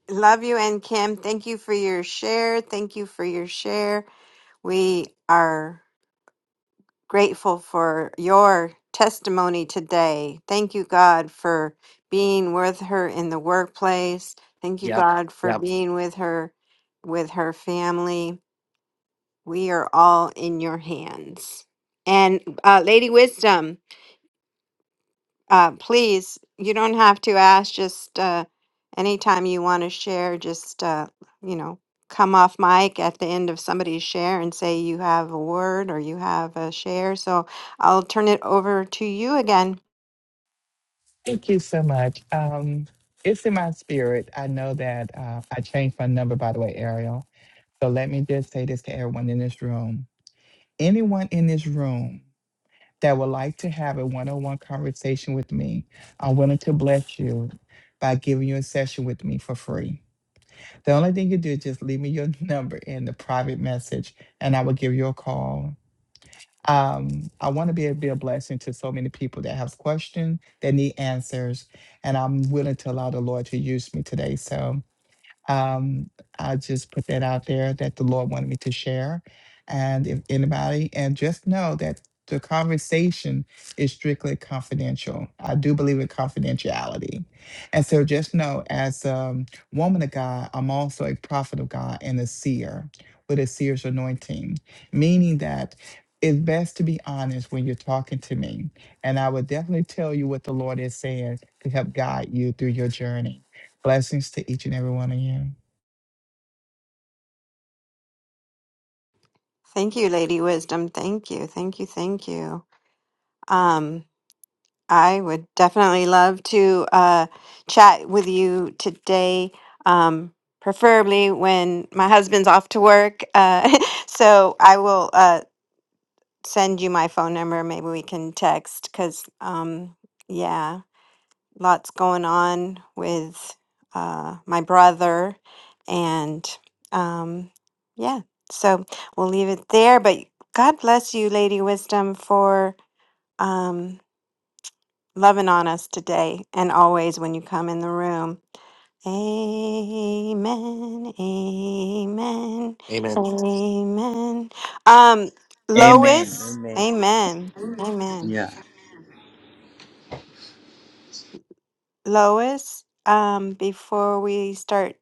Speaker 1: Love you, N Kim. Thank you for your share. Thank you for your share. We are grateful for your testimony today. Thank you, God, for being with her in the workplace. Thank you,
Speaker 3: Yep.
Speaker 1: God, for
Speaker 3: Yep.
Speaker 1: being with her with her family. We are all in your hands. And uh, Lady Wisdom, uh, please, you don't have to ask. Just uh, anytime you want to share, just, uh, you know, come off mic at the end of somebody's share and say you have a word or you have a share. So I'll turn it over to you again.
Speaker 6: Thank you so much. Um, it's in my spirit. I know that uh, I changed my number, by the way, Ariel. So let me just say this to everyone in this room. Anyone in this room that would like to have a one on one conversation with me, I'm willing to bless you by giving you a session with me for free. The only thing you do is just leave me your number in the private message, and I will give you a call um, I want to be able to be a blessing to so many people that have questions, that need answers, and I'm willing to allow the Lord to use me today. So um, I just put that out there that the Lord wanted me to share. And if anybody, and just know that the conversation is strictly confidential. I do believe in confidentiality. And so just know as a woman of God, I'm also a prophet of God and a seer with a seer's anointing, meaning that it's best to be honest when you're talking to me. And I would definitely tell you what the Lord is saying to help guide you through your journey. Blessings to each and every one of you.
Speaker 1: Thank you, Lady Wisdom. Thank you. Thank you. Thank you. Um. I would definitely love to uh, chat with you today, um, preferably when my husband's off to work. Uh, so I will uh, send you my phone number. Maybe we can text because, um, yeah, lots going on with uh, my brother. And um, yeah, so we'll leave it there. But God bless you, Lady Wisdom, for. Um, loving on us today and always when you come in the room. Amen. Amen.
Speaker 3: Amen.
Speaker 1: Amen. Um,
Speaker 10: Amen.
Speaker 1: Lois,
Speaker 10: Amen.
Speaker 1: amen. Amen.
Speaker 10: Yeah.
Speaker 1: Lois, um, before we start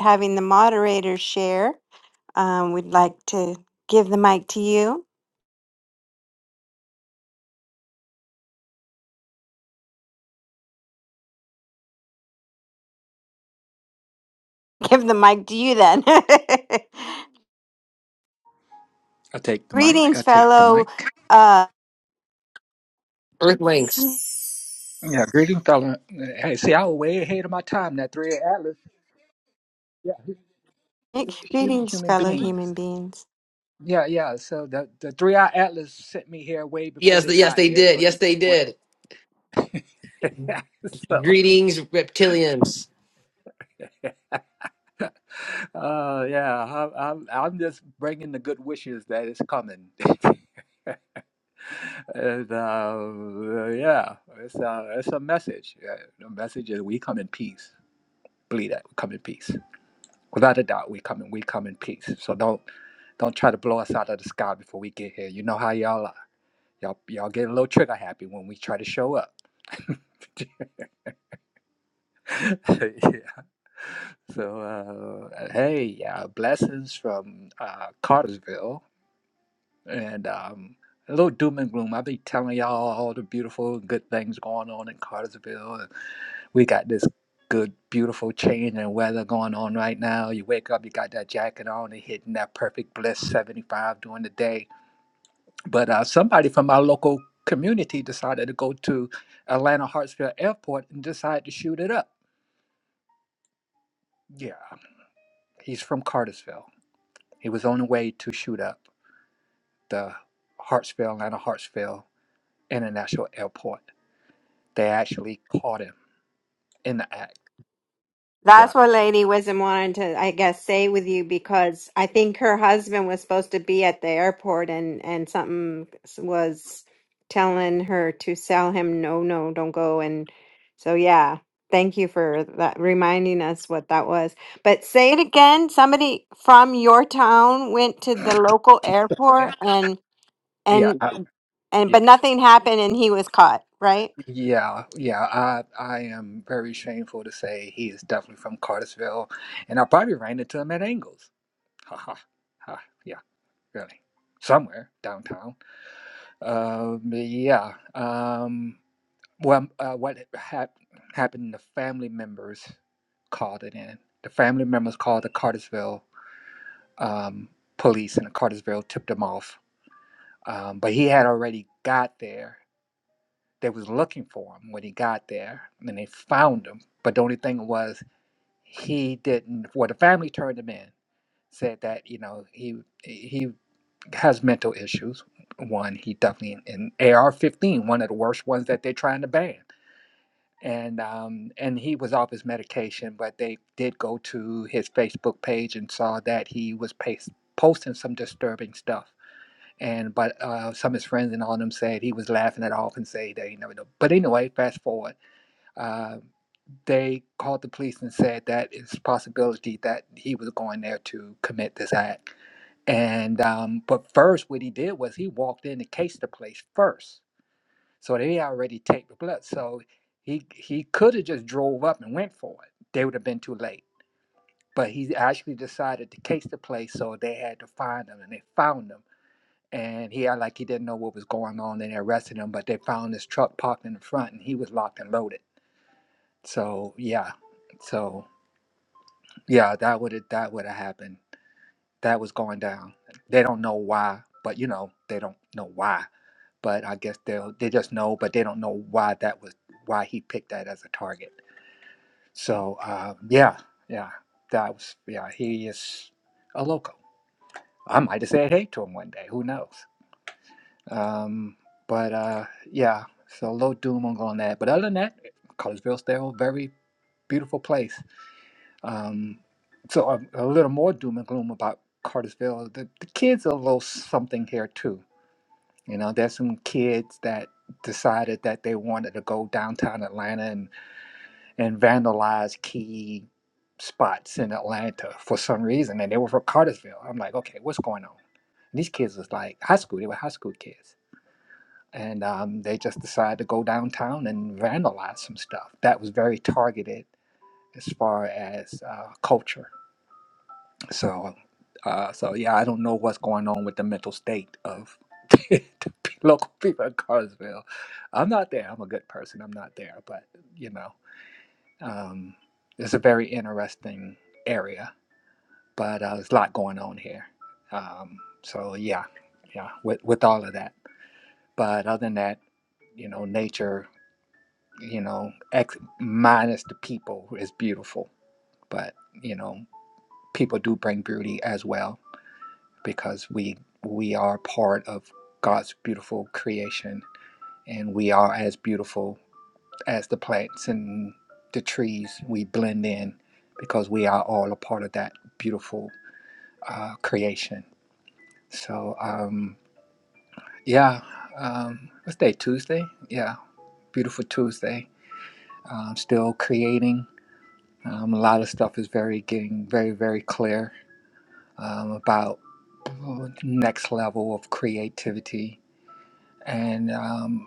Speaker 1: having the moderators share, um, we'd like to give the mic to you. Give the mic to you then.
Speaker 9: I take the mic.
Speaker 1: Greetings,
Speaker 9: I take the
Speaker 1: fellow
Speaker 9: mic.
Speaker 1: uh
Speaker 3: Earthlings.
Speaker 9: Yeah, greeting, fella. Hey, see, I was way ahead of my time. That three-eyed atlas. Yeah, human
Speaker 1: greetings,
Speaker 9: human
Speaker 1: fellow human
Speaker 9: beings.
Speaker 1: beings.
Speaker 9: Yeah, yeah. So the the three-eyed atlas sent me here way before
Speaker 3: Yes,
Speaker 9: they
Speaker 3: th- yes
Speaker 9: got
Speaker 3: they
Speaker 9: here. So,
Speaker 3: did.
Speaker 9: they
Speaker 3: Yes they
Speaker 9: wanted-
Speaker 3: did.
Speaker 9: so
Speaker 3: Greetings reptilians.
Speaker 9: uh, yeah, I'm, I'm I'm just bringing the good wishes that is coming. And uh, yeah, it's a, it's a message. Uh, The message is we come in peace. believe that we come in peace. Without a doubt, we come in, we come in peace. So don't don't try to blow us out of the sky before we get here. You know how y'all are. Y'all y'all get a little trigger happy when we try to show up. yeah. So uh, hey, yeah, blessings from uh, Cartersville and um, a little doom and gloom. i be telling y'all all the beautiful good things going on in Cartersville. we got this good, beautiful change in weather going on right now. You wake up, you got that jacket on, and hitting that perfect bliss 75 during the day. But uh, somebody from our local community decided to go to Atlanta Hartsfield Airport and decided to shoot it up. Yeah, he's from Cartersville. He was on the way to shoot up the Hartsfield, Atlanta Hartsfield International Airport. They actually caught him in the act. Yeah,
Speaker 1: That's what Lady Wisdom wanted to, I guess, say with you because I think her husband was supposed to be at the airport and and something was telling her to sell him, no, no, don't go. And so, yeah, thank you for that reminding us what that was. But say it again. Somebody from your town went to the local
Speaker 9: yeah,
Speaker 1: airport and
Speaker 9: yeah.
Speaker 1: and
Speaker 9: I-
Speaker 1: and but nothing happened and he was caught, right?
Speaker 9: Yeah, yeah, I I am very shameful to say he is definitely from Cartersville, and I probably ran into him at Angles. Ha ha ha. Yeah, really, somewhere downtown. Um, yeah. Um, well, um, uh, what hap happened? The family members called it in. The family members called the Cartersville um, police, and the Cartersville tipped him off. Um, but he had already got there They was looking for him when he got there, and they found him. But the only thing was, he didn't. Well, the family turned him in, said that you know he he has mental issues. One, he definitely in AR-15, one of the worst ones that they're trying to ban. And um, and he was off his medication, but they did go to his Facebook page and saw that he was pas- posting some disturbing stuff and but uh, some of his friends and all of them said he was laughing it off and say that he never know. But anyway, fast forward uh, they called the police and said that it's a possibility that he was going there to commit this act. And um, but first, what he did was he walked in and cased the place first, so they already taped the blood. So he he could have just drove up and went for it. They would have been too late. But he actually decided to case the place, so they had to find him, and they found him. And he acted like he didn't know what was going on, and they arrested him. But they found his truck parked in the front, and he was locked and loaded. So yeah, so. Yeah, that would that would have happened. That was going down. They don't know why, but you know, they don't know why. But I guess they will they just know, but they don't know why that was why he picked that as a target. So uh, yeah, yeah, that was yeah. He is a loco. I might have said hey to him one day. Who knows? Um, but uh, yeah, so low doom on on that. But other than that, Collegeville still a very beautiful place. Um, so a, a little more doom and gloom about Cartersville. The, the kids are a little something here too. You know, there's some kids that decided that they wanted to go downtown Atlanta and, and vandalize key spots in Atlanta for some reason, and they were from Cartersville. I'm like, okay, what's going on? And these kids was like high school. They were high school kids. And um, they just decided to go downtown and vandalize some stuff. That was very targeted as far as uh, culture So, uh, so yeah, I don't know what's going on with the mental state of the local people in Carsville. I'm not there. I'm a good person. I'm not there, but you know, um, it's a very interesting area. But uh, there's a lot going on here. Um, so yeah, yeah, with with all of that. But other than that, you know, nature, you know, ex minus the people is beautiful. But you know, people do bring beauty as well because we we are part of God's beautiful creation and we are as beautiful as the plants and the trees we blend in because we are all a part of that beautiful uh, creation so um, yeah um, what's day Tuesday yeah beautiful Tuesday um, still creating um, a lot of stuff is very getting very very clear um, about next level of creativity and um,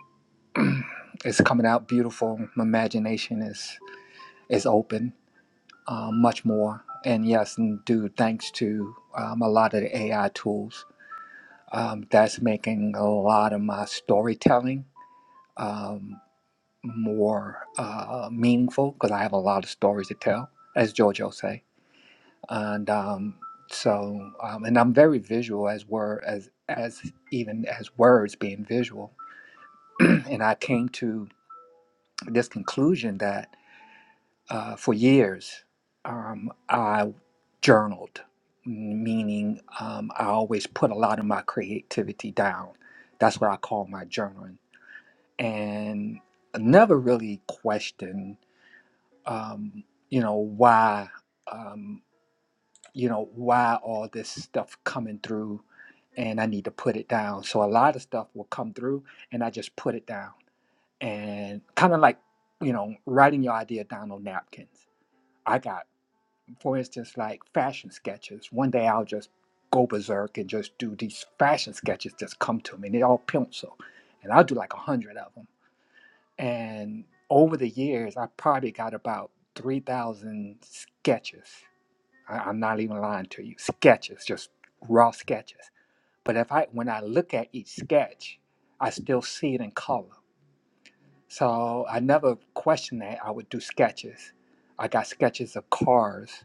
Speaker 9: it's coming out beautiful. My imagination is is open uh, much more. And yes, and dude, thanks to um, a lot of the AI tools, um, that's making a lot of my storytelling um, more uh, meaningful because I have a lot of stories to tell, as JoJo say. And um, so, um, and I'm very visual as word as as even as words being visual. and I came to this conclusion that uh, for years, um, I journaled, meaning um, I always put a lot of my creativity down. That's what I call my journaling. And I never really questioned, um, you know, why, um, you know, why all this stuff coming through and I need to put it down. So a lot of stuff will come through and I just put it down. And kind of like, you know, writing your idea down on napkins. I got. for instance, like fashion sketches. One day I'll just go berserk and just do these fashion sketches just come to me, and they're all pencil. And I'll do like a hundred of them. And over the years, I probably got about 3,000 sketches. I, I'm not even lying to you, sketches, just raw sketches. But if I, when I look at each sketch, I still see it in color. So I never questioned that. I would do sketches. I got sketches of cars,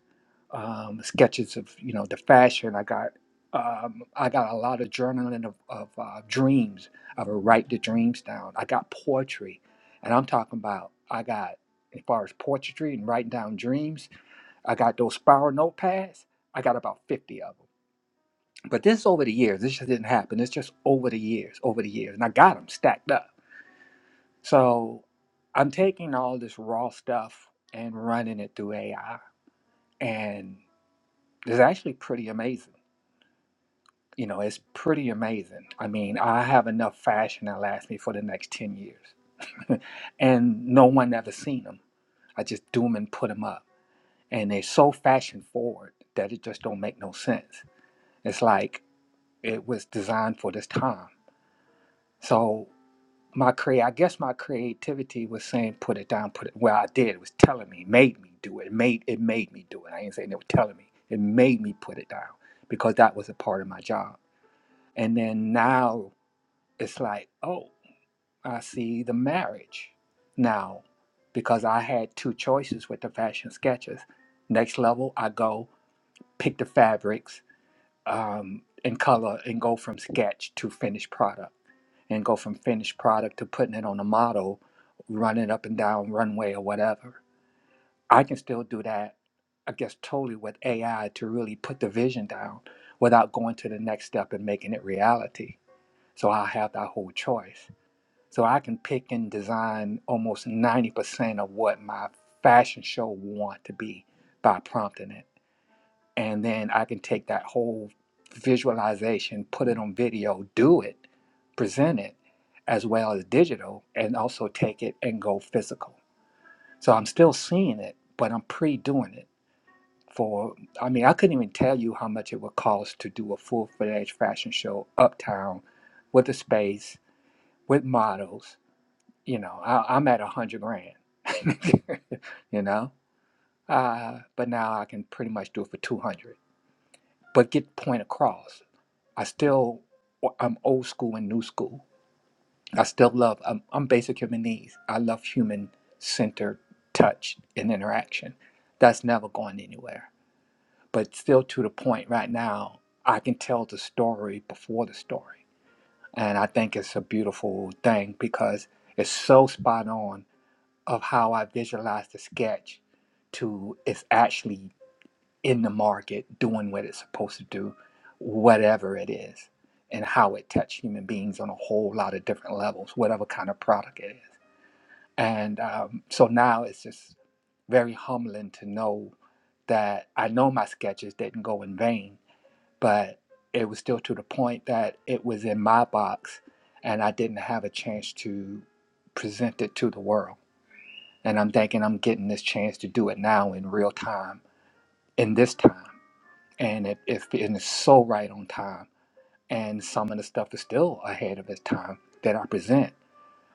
Speaker 9: um, sketches of you know the fashion. I got um, I got a lot of journaling of, of uh, dreams. I would write the dreams down. I got poetry, and I'm talking about I got as far as poetry and writing down dreams. I got those spiral notepads. I got about fifty of them. But this is over the years. This just didn't happen. It's just over the years, over the years, and I got them stacked up. So I'm taking all this raw stuff and running it through AI, and it's actually pretty amazing. You know, it's pretty amazing. I mean, I have enough fashion that lasts me for the next 10 years, and no one ever seen them. I just do them and put them up, and they're so fashion forward that it just don't make no sense. It's like it was designed for this time. So my crea I guess my creativity was saying put it down, put it well I did. It was telling me, it made me do it. It made it made me do it. I ain't saying it was telling me. It made me put it down because that was a part of my job. And then now it's like, oh, I see the marriage now because I had two choices with the fashion sketches. Next level, I go pick the fabrics um, and color and go from sketch to finished product and go from finished product to putting it on a model, running it up and down runway or whatever. I can still do that, I guess, totally with AI to really put the vision down without going to the next step and making it reality. So I have that whole choice. So I can pick and design almost 90% of what my fashion show want to be by prompting it and then I can take that whole visualization, put it on video, do it, present it, as well as digital, and also take it and go physical. So I'm still seeing it, but I'm pre-doing it. For I mean, I couldn't even tell you how much it would cost to do a full-fledged fashion show uptown, with a space, with models. You know, I, I'm at a hundred grand. you know, uh, but now I can pretty much do it for two hundred. But get the point across I still I'm old school and new school. I still love I'm, I'm basic human needs. I love human centered touch and interaction. That's never going anywhere. But still to the point right now, I can tell the story before the story. And I think it's a beautiful thing because it's so spot on of how I visualize the sketch to it's actually in the market doing what it's supposed to do, whatever it is, and how it touched human beings on a whole lot of different levels, whatever kind of product it is. And um, so now it's just very humbling to know that I know my sketches didn't go in vain, but it was still to the point that it was in my box and I didn't have a chance to present it to the world. And I'm thinking I'm getting this chance to do it now in real time, in this time and it, it's and it's so right on time. And some of the stuff is still ahead of its time that I present,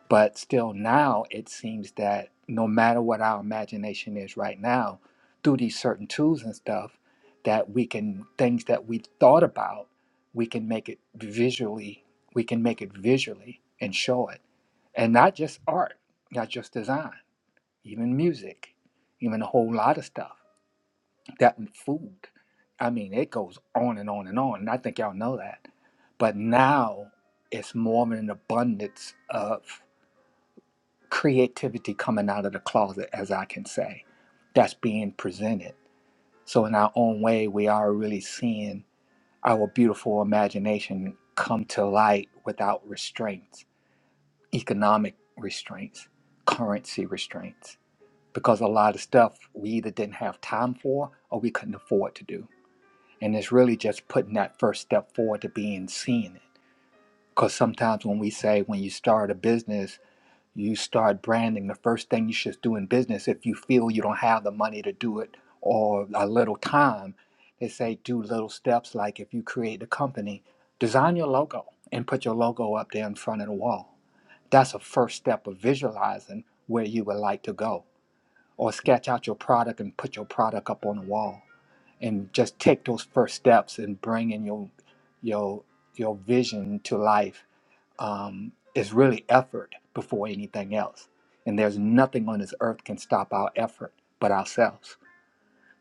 Speaker 9: but still now it seems that no matter what our imagination is right now, through these certain tools and stuff, that we can things that we thought about, we can make it visually, we can make it visually and show it, and not just art, not just design, even music, even a whole lot of stuff that food. I mean, it goes on and on and on, and I think y'all know that. But now it's more of an abundance of creativity coming out of the closet, as I can say, that's being presented. So, in our own way, we are really seeing our beautiful imagination come to light without restraints, economic restraints, currency restraints, because a lot of stuff we either didn't have time for or we couldn't afford to do And it's really just putting that first step forward to being seen. Because sometimes when we say when you start a business, you start branding, the first thing you should do in business, if you feel you don't have the money to do it or a little time, they say do little steps like if you create a company, design your logo and put your logo up there in front of the wall. That's a first step of visualizing where you would like to go. Or sketch out your product and put your product up on the wall and just take those first steps and bring in your your your vision to life um, is really effort before anything else and there's nothing on this earth can stop our effort but ourselves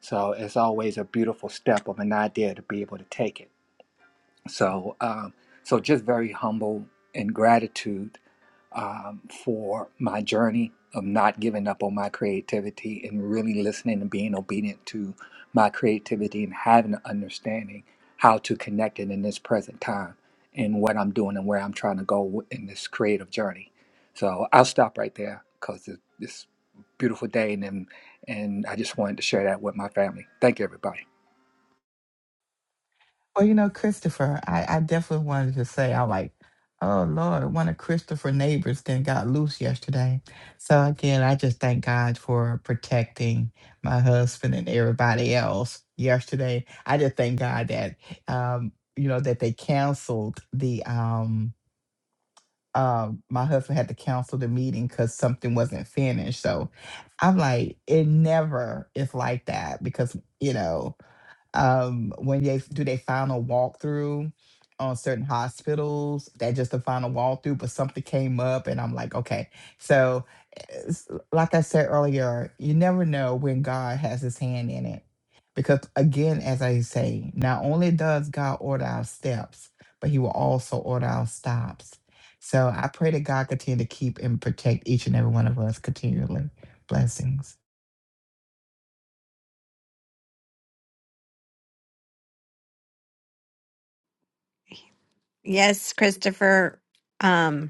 Speaker 9: so it's always a beautiful step of an idea to be able to take it so um, so just very humble in gratitude um, for my journey of not giving up on my creativity and really listening and being obedient to my creativity and having an understanding how to connect it in this present time and what I'm doing and where I'm trying to go w- in this creative journey. So I'll stop right there because it's, it's a beautiful day and, and I just wanted to share that with my family. Thank you, everybody.
Speaker 6: Well, you know, Christopher, I, I definitely wanted to say, I like, oh Lord, one of Christopher neighbors then got loose yesterday. So again, I just thank God for protecting my husband and everybody else yesterday. I just thank God that, um, you know, that they canceled the, um, uh, my husband had to cancel the meeting because something wasn't finished. So I'm like, it never is like that because, you know, um, when they do their final walkthrough on certain hospitals. That just the final walkthrough, but something came up, and I'm like, okay. So, it's- like I said earlier, you never know when God has His hand in it, because again, as I say, not only does God order our steps, but He will also order our stops. So I pray that God continue to keep and protect each and every one of us continually. Blessings.
Speaker 1: Yes, Christopher. Um,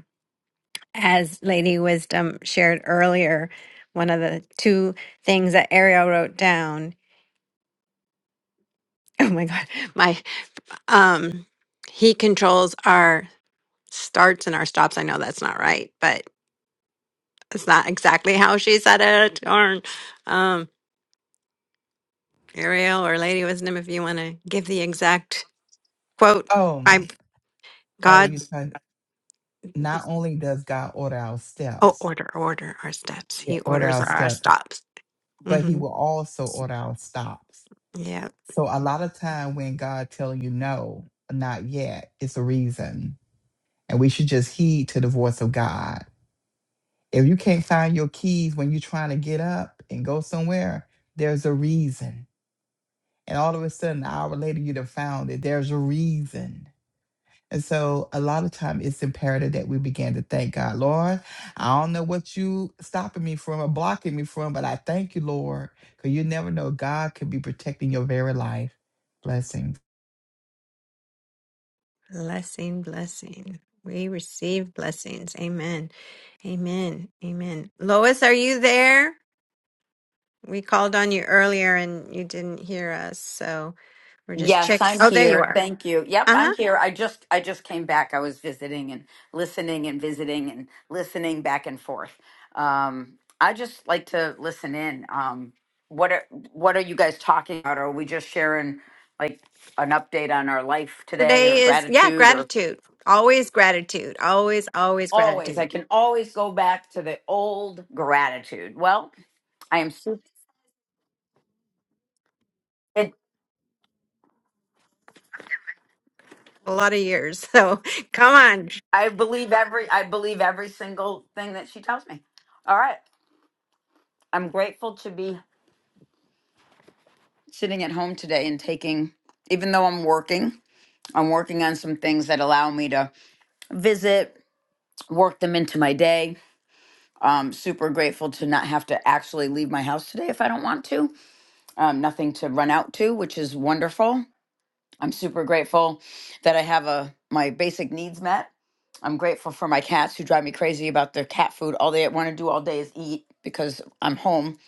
Speaker 1: As Lady Wisdom shared earlier, one of the two things that Ariel wrote down, oh my God, my, um, he controls our starts and our stops. I know that's not right, but it's not exactly how she said it. Darn. Um, Ariel or Lady Wisdom, if you want to give the exact quote,
Speaker 6: Oh,
Speaker 1: I,
Speaker 6: oh,
Speaker 1: God,
Speaker 6: you. not only does God order our
Speaker 1: oh,
Speaker 6: steps,
Speaker 1: order, order our steps.
Speaker 6: Yeah.
Speaker 1: He
Speaker 6: order
Speaker 1: orders
Speaker 6: our
Speaker 1: our
Speaker 6: steps,
Speaker 1: stops.
Speaker 6: but he
Speaker 1: hmm
Speaker 6: will also order our stops. So a lot of time when God tell you no, not yet, it's a reason. And we should just heed to the voice of God. If you can't find your keys when you're trying to get up and go somewhere, there's a reason. And all of a sudden, an hour later, you'd have found it. There's a reason. And so a lot of time it's imperative that we begin to thank God. Lord, I don't know what you stopping me from or blocking me from, but I thank you, Lord, because you never know. God could be protecting your very life. Blessings.
Speaker 1: Blessing, blessing. We receive blessings. Amen. Amen. Amen. Lois, are you there? We called on you earlier and you didn't hear us. So we're just check.
Speaker 7: Yes, I'm
Speaker 1: Oh, there you
Speaker 7: here.
Speaker 1: are.
Speaker 7: Thank you. Yep,
Speaker 1: Uh
Speaker 7: I'm
Speaker 1: huh.
Speaker 7: here. I just I just came back. I was visiting and listening and visiting and listening back and forth. Um, I just like to listen in. Um, what are what are you guys talking about? Are we just sharing like an update on our life today or
Speaker 1: Today is, yeah,
Speaker 7: gratitude
Speaker 1: gratitude. Always gratitude. Always, always
Speaker 7: always i
Speaker 1: gratitude.
Speaker 7: can always go back to the old gratitude well i am su- it,
Speaker 1: A lot of years. So come on.
Speaker 7: i believe every i believe every single thing that she tells me all right i'm grateful to be sitting at home today and taking even though i'm working i'm working on some things that allow me to visit work them into my day um, super grateful to not have to actually leave my house today if I don't want to. Um, nothing to run out to, which is wonderful. I'm super grateful that I have a my basic needs met. I'm grateful for my cats who drive me crazy about their cat food. All they want to do all day is eat because I'm home.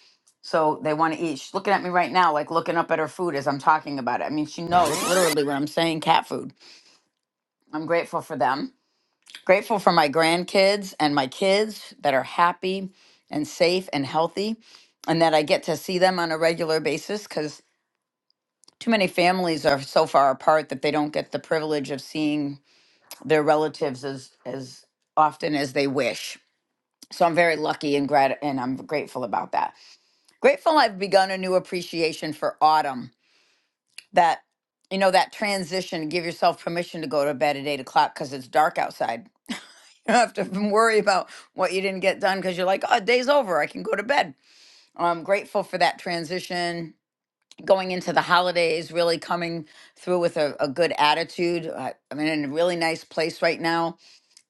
Speaker 7: So they want to eat. She's looking at me right now, like looking up at her food as I'm talking about it. I mean, she knows literally when I'm saying cat food. I'm grateful for them. Grateful for my grandkids and my kids that are happy and safe and healthy and that I get to see them on a regular basis because too many families are so far apart that they don't get the privilege of seeing their relatives as as often as they wish. So I'm very lucky and grat and I'm grateful about that. Grateful I've begun a new appreciation for autumn. That you know that transition. Give yourself permission to go to bed at eight o'clock because it's dark outside. You don't have to worry about what you didn't get done because you're like, oh, day's over. I can go to bed. I'm grateful for that transition. Going into the holidays, really coming through with a, a good attitude. I, I'm in a really nice place right now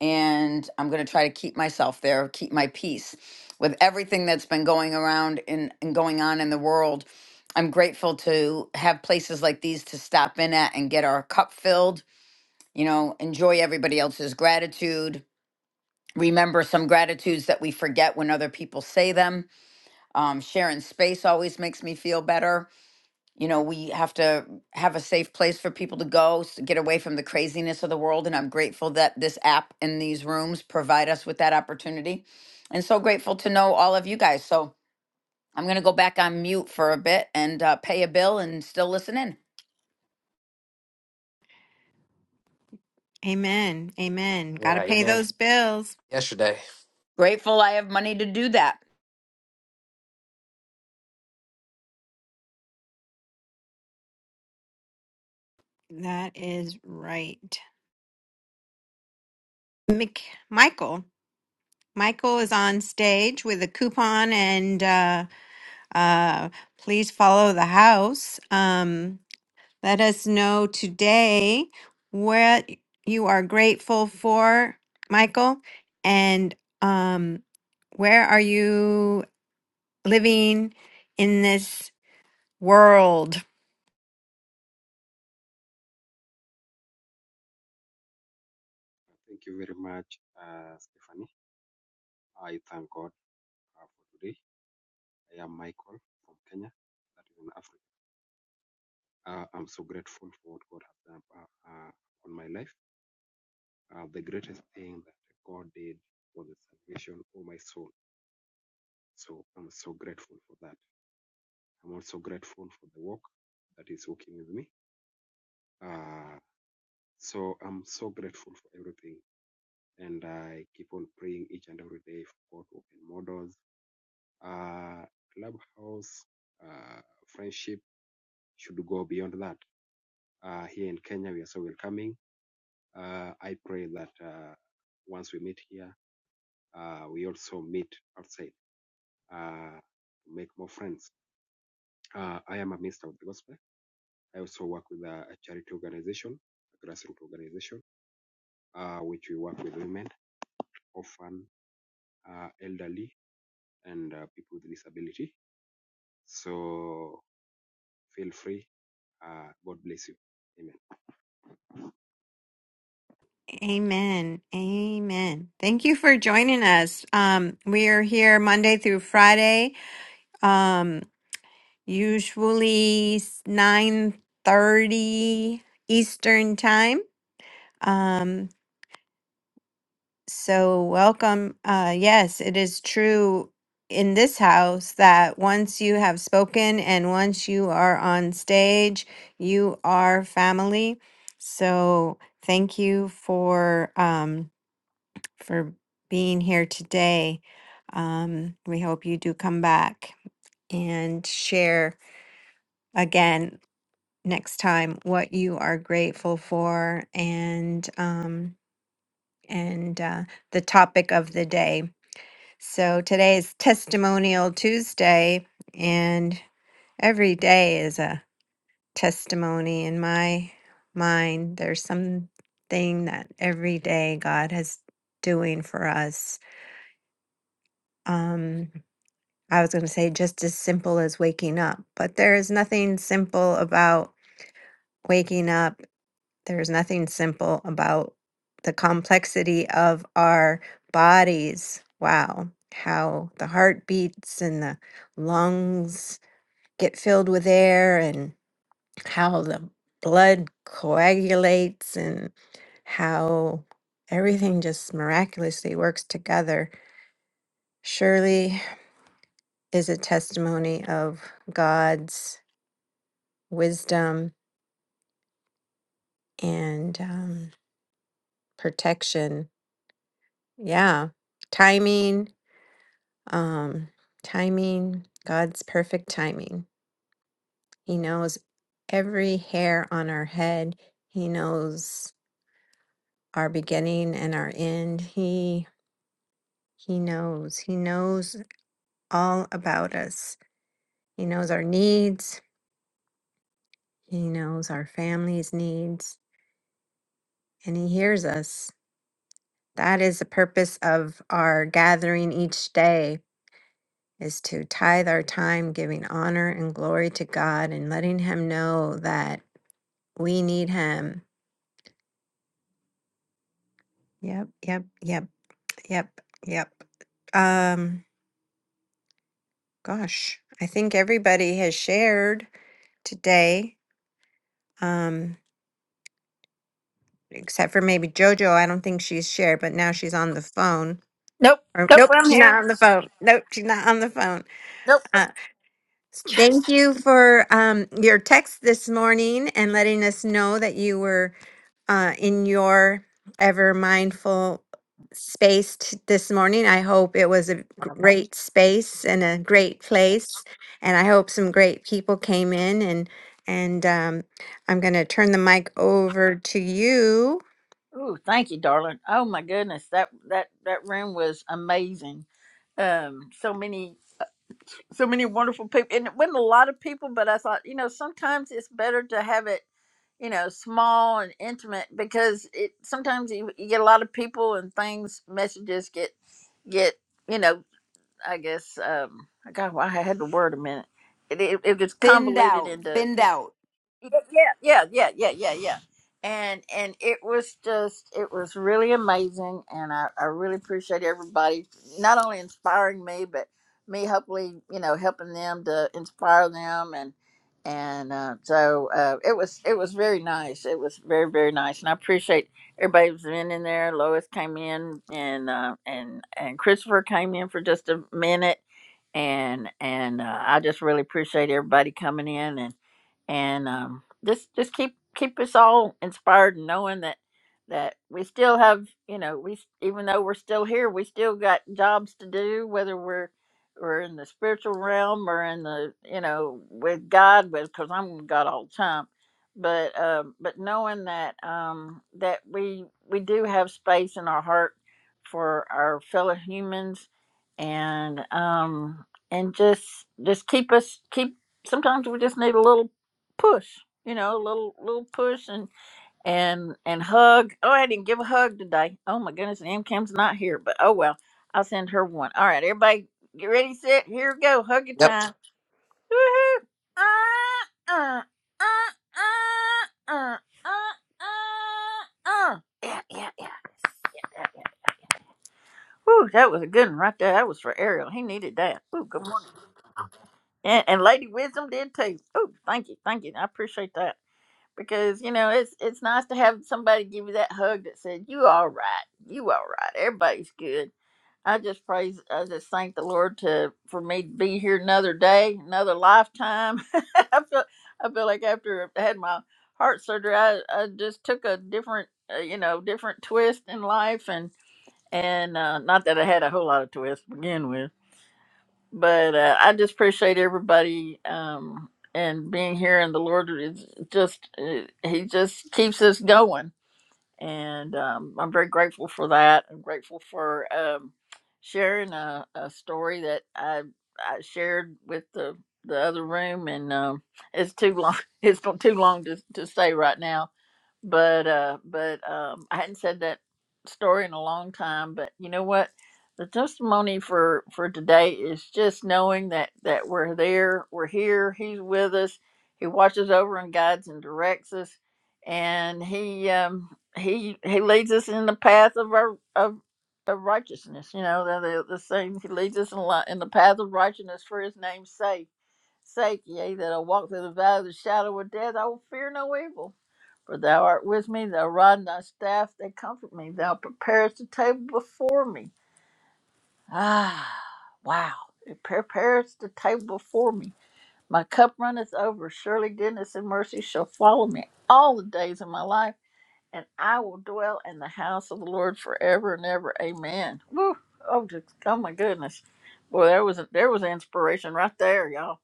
Speaker 7: and I'm going to try to keep myself there, keep my peace. With everything that's been going around and, and going on in the world, I'm grateful to have places like these to stop in at and get our cup filled, you know, enjoy everybody else's gratitude. Remember some gratitudes that we forget when other people say them. Um, sharing space always makes me feel better you know we have to have a safe place for people to go s- get away from the craziness of the world and i'm grateful that this app and these rooms provide us with that opportunity and so grateful to know all of you guys so i'm going to go back on mute for a bit and uh, pay a bill and still listen in
Speaker 1: Amen. Amen. Got
Speaker 3: Yeah,
Speaker 1: to pay
Speaker 3: amen.
Speaker 1: those bills.
Speaker 3: Yesterday.
Speaker 7: grateful i have money to do that
Speaker 1: That is right. Mick, Michael. Michael is on stage with a coupon and uh, uh, please follow the house. Um, let us know today what you are grateful for, Michael, and um, where are you living in this world?
Speaker 12: Thank you very much, uh, Stephanie. I thank God uh, for today. I am Michael from Kenya, that is in Africa. Uh, I'm so grateful for what God has done uh, uh, on my life. Uh, the greatest thing that God did was the salvation of my soul. So I'm so grateful for that. I'm also grateful for the work that is working with me. Uh, so I'm so grateful for everything. And I keep on praying each and every day for God to open more doors Uh, Clubhouse uh, friendship should go beyond that. Uh, here in Kenya, we are so welcoming. Uh, I pray that uh, once we meet here, uh, we also meet outside uh, to make more friends. Uh, I am a minister of the gospel. I also work with a, a charity organization, a grassroots organization, uh, which we work with women, orphan, uh, elderly, and uh, people with disability. So feel free. Uh, God bless you. Amen.
Speaker 1: Amen. Amen. Thank you for joining us. Um, we are here Monday through Friday. Um, usually nine thirty Eastern time. Um, so welcome. Uh, yes, it is true in this house that once you have spoken and once you are on stage, you are family. So thank you for um, for being here today. Um, we hope you do come back and share again next time what you are grateful for and um and uh, the topic of the day. So today is Testimonial Tuesday, and every day is a testimony in my mind. There's something that every day God has doing for us. Um, I was going to say just as simple as waking up, but there is nothing simple about waking up There's nothing simple about the complexity of our bodies. Wow, how the heart beats and the lungs get filled with air, and how the blood coagulates, and how everything just miraculously works together. Surely is a testimony of God's wisdom and um, protection. Yeah, timing um, timing, God's perfect timing. He knows every hair on our head. He knows our beginning and our end. He he knows. He knows all about us. He knows our needs. He knows our family's needs and he hears us. That is the purpose of our gathering each day is to tithe our time giving honor and glory to God and letting him know that we need him Yep, yep, yep, yep, yep. Um, gosh, I think everybody has shared today, um, except for maybe JoJo. I don't think she's shared, but now she's on the phone.
Speaker 8: Nope,
Speaker 1: Or
Speaker 8: nope,
Speaker 1: nope,
Speaker 8: I'm
Speaker 1: she's not
Speaker 8: here.
Speaker 1: on the phone. Nope, she's not on the phone.
Speaker 8: Nope.
Speaker 1: Uh, thank
Speaker 3: Yes.
Speaker 1: you for um your text this morning and letting us know that you were uh, in your ever mindful space t- this morning. I hope it was a g- great space and a great place, and I hope some great people came in. and And um, I'm going to turn the mic over to you.
Speaker 8: Ooh, thank you, darling. Oh my goodness, that that that room was amazing. Um, so many, so many wonderful people, and it wasn't a lot of people, but I thought, you know, sometimes it's better to have it. you know small and intimate because it sometimes you, you get a lot of people and things messages get get you know i guess um i got why i had the word a minute it, it, it gets
Speaker 7: thinned
Speaker 8: convoluted
Speaker 7: out
Speaker 8: into you
Speaker 7: thinned out
Speaker 8: yeah, yeah, yeah, yeah, yeah, yeah. yeah. And and it was just it was really amazing, and I I really appreciate everybody not only inspiring me, but me hopefully you know helping them to inspire them and and uh, so uh, it was it was very nice. It was very very nice, and I appreciate everybody who's been in there. Lois came in, and uh, and and Christopher came in for just a minute, and and uh, I just really appreciate everybody coming in and and um, just just keep keep us all inspired and knowing that that we still have you know we s- even though we're still here we still got jobs to do whether we're we're in the spiritual realm or in the you know with God with because I'm with God all the time but um but knowing that um that we we do have space in our heart for our fellow humans and um and just just keep us keep sometimes we just need a little push, you know, a little little push and and and hug. Oh, I didn't give a hug today. Oh my goodness, and M Kim's not here, but oh well, I'll send her one. All right, everybody, get ready, set, here we go, hug your
Speaker 3: Yep.
Speaker 8: time. Woohoo! Uh, uh, uh, uh, uh, uh, uh. Yeah, yeah, yeah, yeah, yeah, yeah. Whew, that was a good one right there. That was for Ariel. He needed that. Ooh, good morning. And, and Lady Wisdom did too. Ooh, thank you, thank you. I appreciate that. because you know it's it's nice to have somebody give you that hug that said you all right you all right everybody's good i just praise i just thank the lord to for me to be here another day another lifetime i feel i feel like after i had my heart surgery i, I just took a different uh, you know different twist in life and and uh, not that i had a whole lot of twists to begin with but uh, I just appreciate everybody um, and being here. And the Lord is just uh, He just keeps us going, and um, I'm very grateful for that. I'm grateful for um, sharing a, a story that I I shared with the the other room, and um, it's too long. It's too long to to say right now but uh but um i hadn't said that story in a long time but you know what the testimony for for today is just knowing that that we're there we're here he's with us he watches over and guides and directs us and he um he he leads us in the path of our of of righteousness you know the the, the same he leads us in, li- in the path of righteousness for his name's sake sake, yea, that I walk through the valley of the shadow of death, I will fear no evil. For thou art with me, thy rod and thy staff, they comfort me. Thou preparest the table before me. Ah, wow. It preparest the table before me. My cup runneth over. Surely goodness and mercy shall follow me all the days of my life, and I will dwell in the house of the Lord forever and ever. Amen. Woo. Oh, just, oh my goodness. Boy, there was, there was inspiration right there, y'all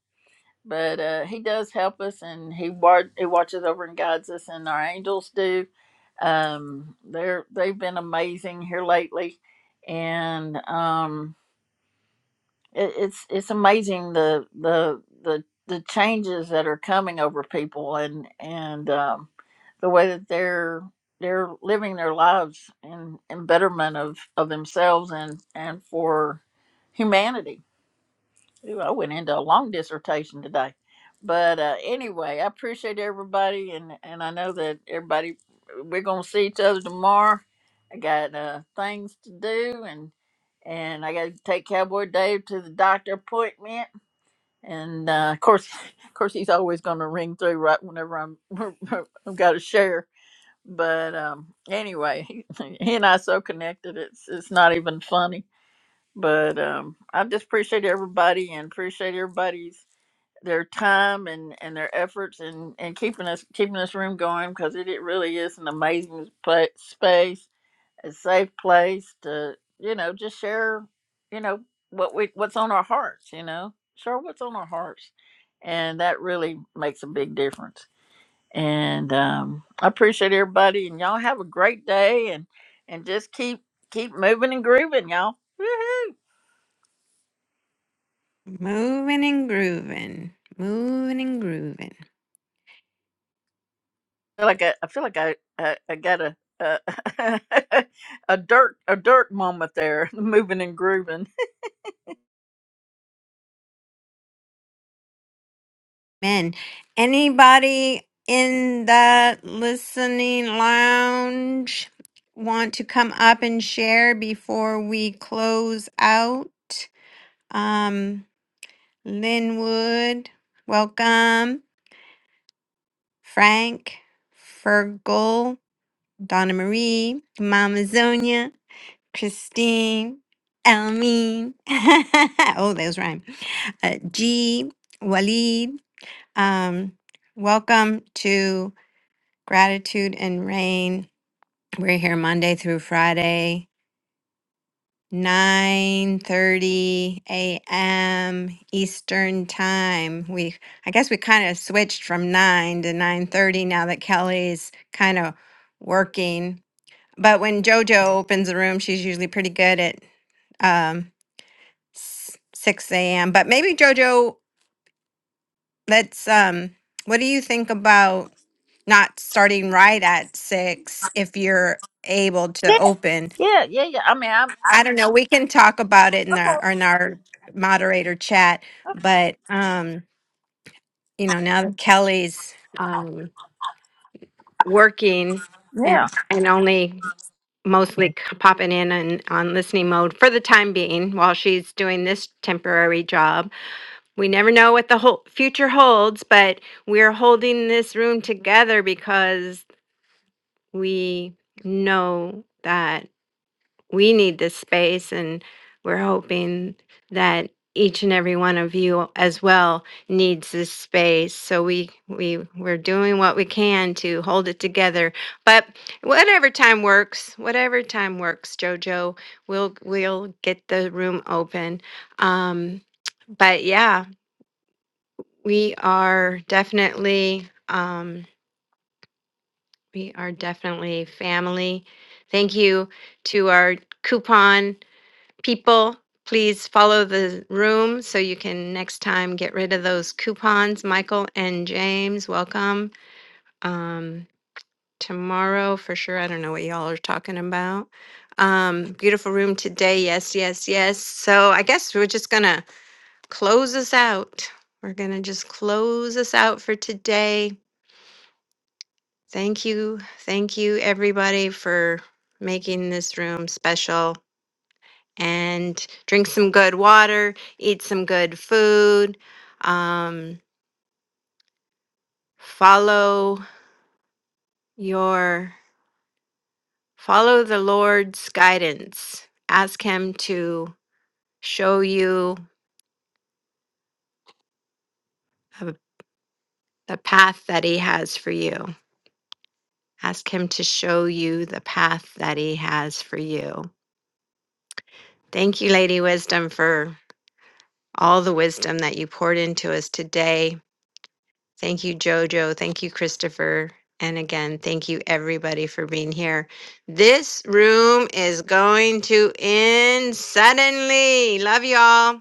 Speaker 8: but uh, he does help us and he wa- he watches over and guides us and our angels do um they're they've been amazing here lately and um it, it's it's amazing the the the the changes that are coming over people and and um the way that they're they're living their lives in in betterment of of themselves and and for humanity Ooh, I went into a long dissertation today. But uh, anyway, I appreciate everybody, and, and I know that everybody, we're going to see each other tomorrow. I got uh, things to do, and and I got to take Cowboy Dave to the doctor appointment. And uh, of course, of course, he's always going to ring through right whenever I'm I've got to share. But um, anyway, he, he and I are so connected, it's it's not even funny but um, I just appreciate everybody and appreciate everybody's their time and, and their efforts and, and keeping us keeping this room going because it, it really is an amazing pla space, a safe place to you know just share you know what we what's on our hearts you know share what's on our hearts and that really makes a big difference and um, I appreciate everybody and y'all have a great day and and just keep keep moving and grooving y'all. Woohoo!
Speaker 1: Moving and grooving, moving and grooving.
Speaker 8: feel like I, I feel like I, I, I got a, a a dirt a dirt moment there, moving and grooving.
Speaker 1: Men, anybody in the listening lounge want to come up and share before we close out? Um, Linwood, welcome. Frank, Fergal, Donna Marie, Mama Zonia, Christine, Elmine. oh, those rhyme. Uh, G, Walid, um, welcome to. Gratitude and Rain. We're here Monday through Friday, 9:30 a.m. Eastern Time. We I guess we kind of switched from 9 to 9:30 now that Kelly's kind of working. But when JoJo opens the room, she's usually pretty good at um, s- 6 a.m. But maybe JoJo, let's um, what do you think about? not starting right at six if you're able to
Speaker 8: Yeah,
Speaker 1: open.
Speaker 8: yeah, yeah, yeah. I mean, I'm
Speaker 1: I don't know. We can talk about it in
Speaker 8: okay.
Speaker 1: the in our moderator chat,
Speaker 8: okay.
Speaker 1: but um, you know, now that Kelly's um working and,
Speaker 8: Yeah.
Speaker 1: and only mostly c- popping in and on listening mode for the time being while she's doing this temporary job. We never know what the whole future holds, but we're holding this room together because we know that we need this space and we're hoping that each and every one of you as well needs this space so we we we're doing what we can to hold it together but whatever time works whatever time works jojo we'll we'll get the room open um but yeah we are definitely um we are definitely family thank you to our coupon people, please follow the room so you can next time get rid of those coupons. Michael and James, welcome. Um, tomorrow for sure. I don't know what y'all are talking about. Um, beautiful room today. Yes, yes, yes. So I guess we're just gonna close us out. We're gonna just close us out for today. Thank you, thank you, everybody, for making this room special. and drink some good water, eat some good food, um, follow your follow the Lord's guidance. Ask him to show you a- the path that he has for you. Ask him to show you the path that he has for you. Thank you, Lady Wisdom, for all the wisdom that you poured into us today. Thank you, Jojo. Thank you, Christopher. And again, thank you everybody for being here. This room is going to end suddenly. Love y'all.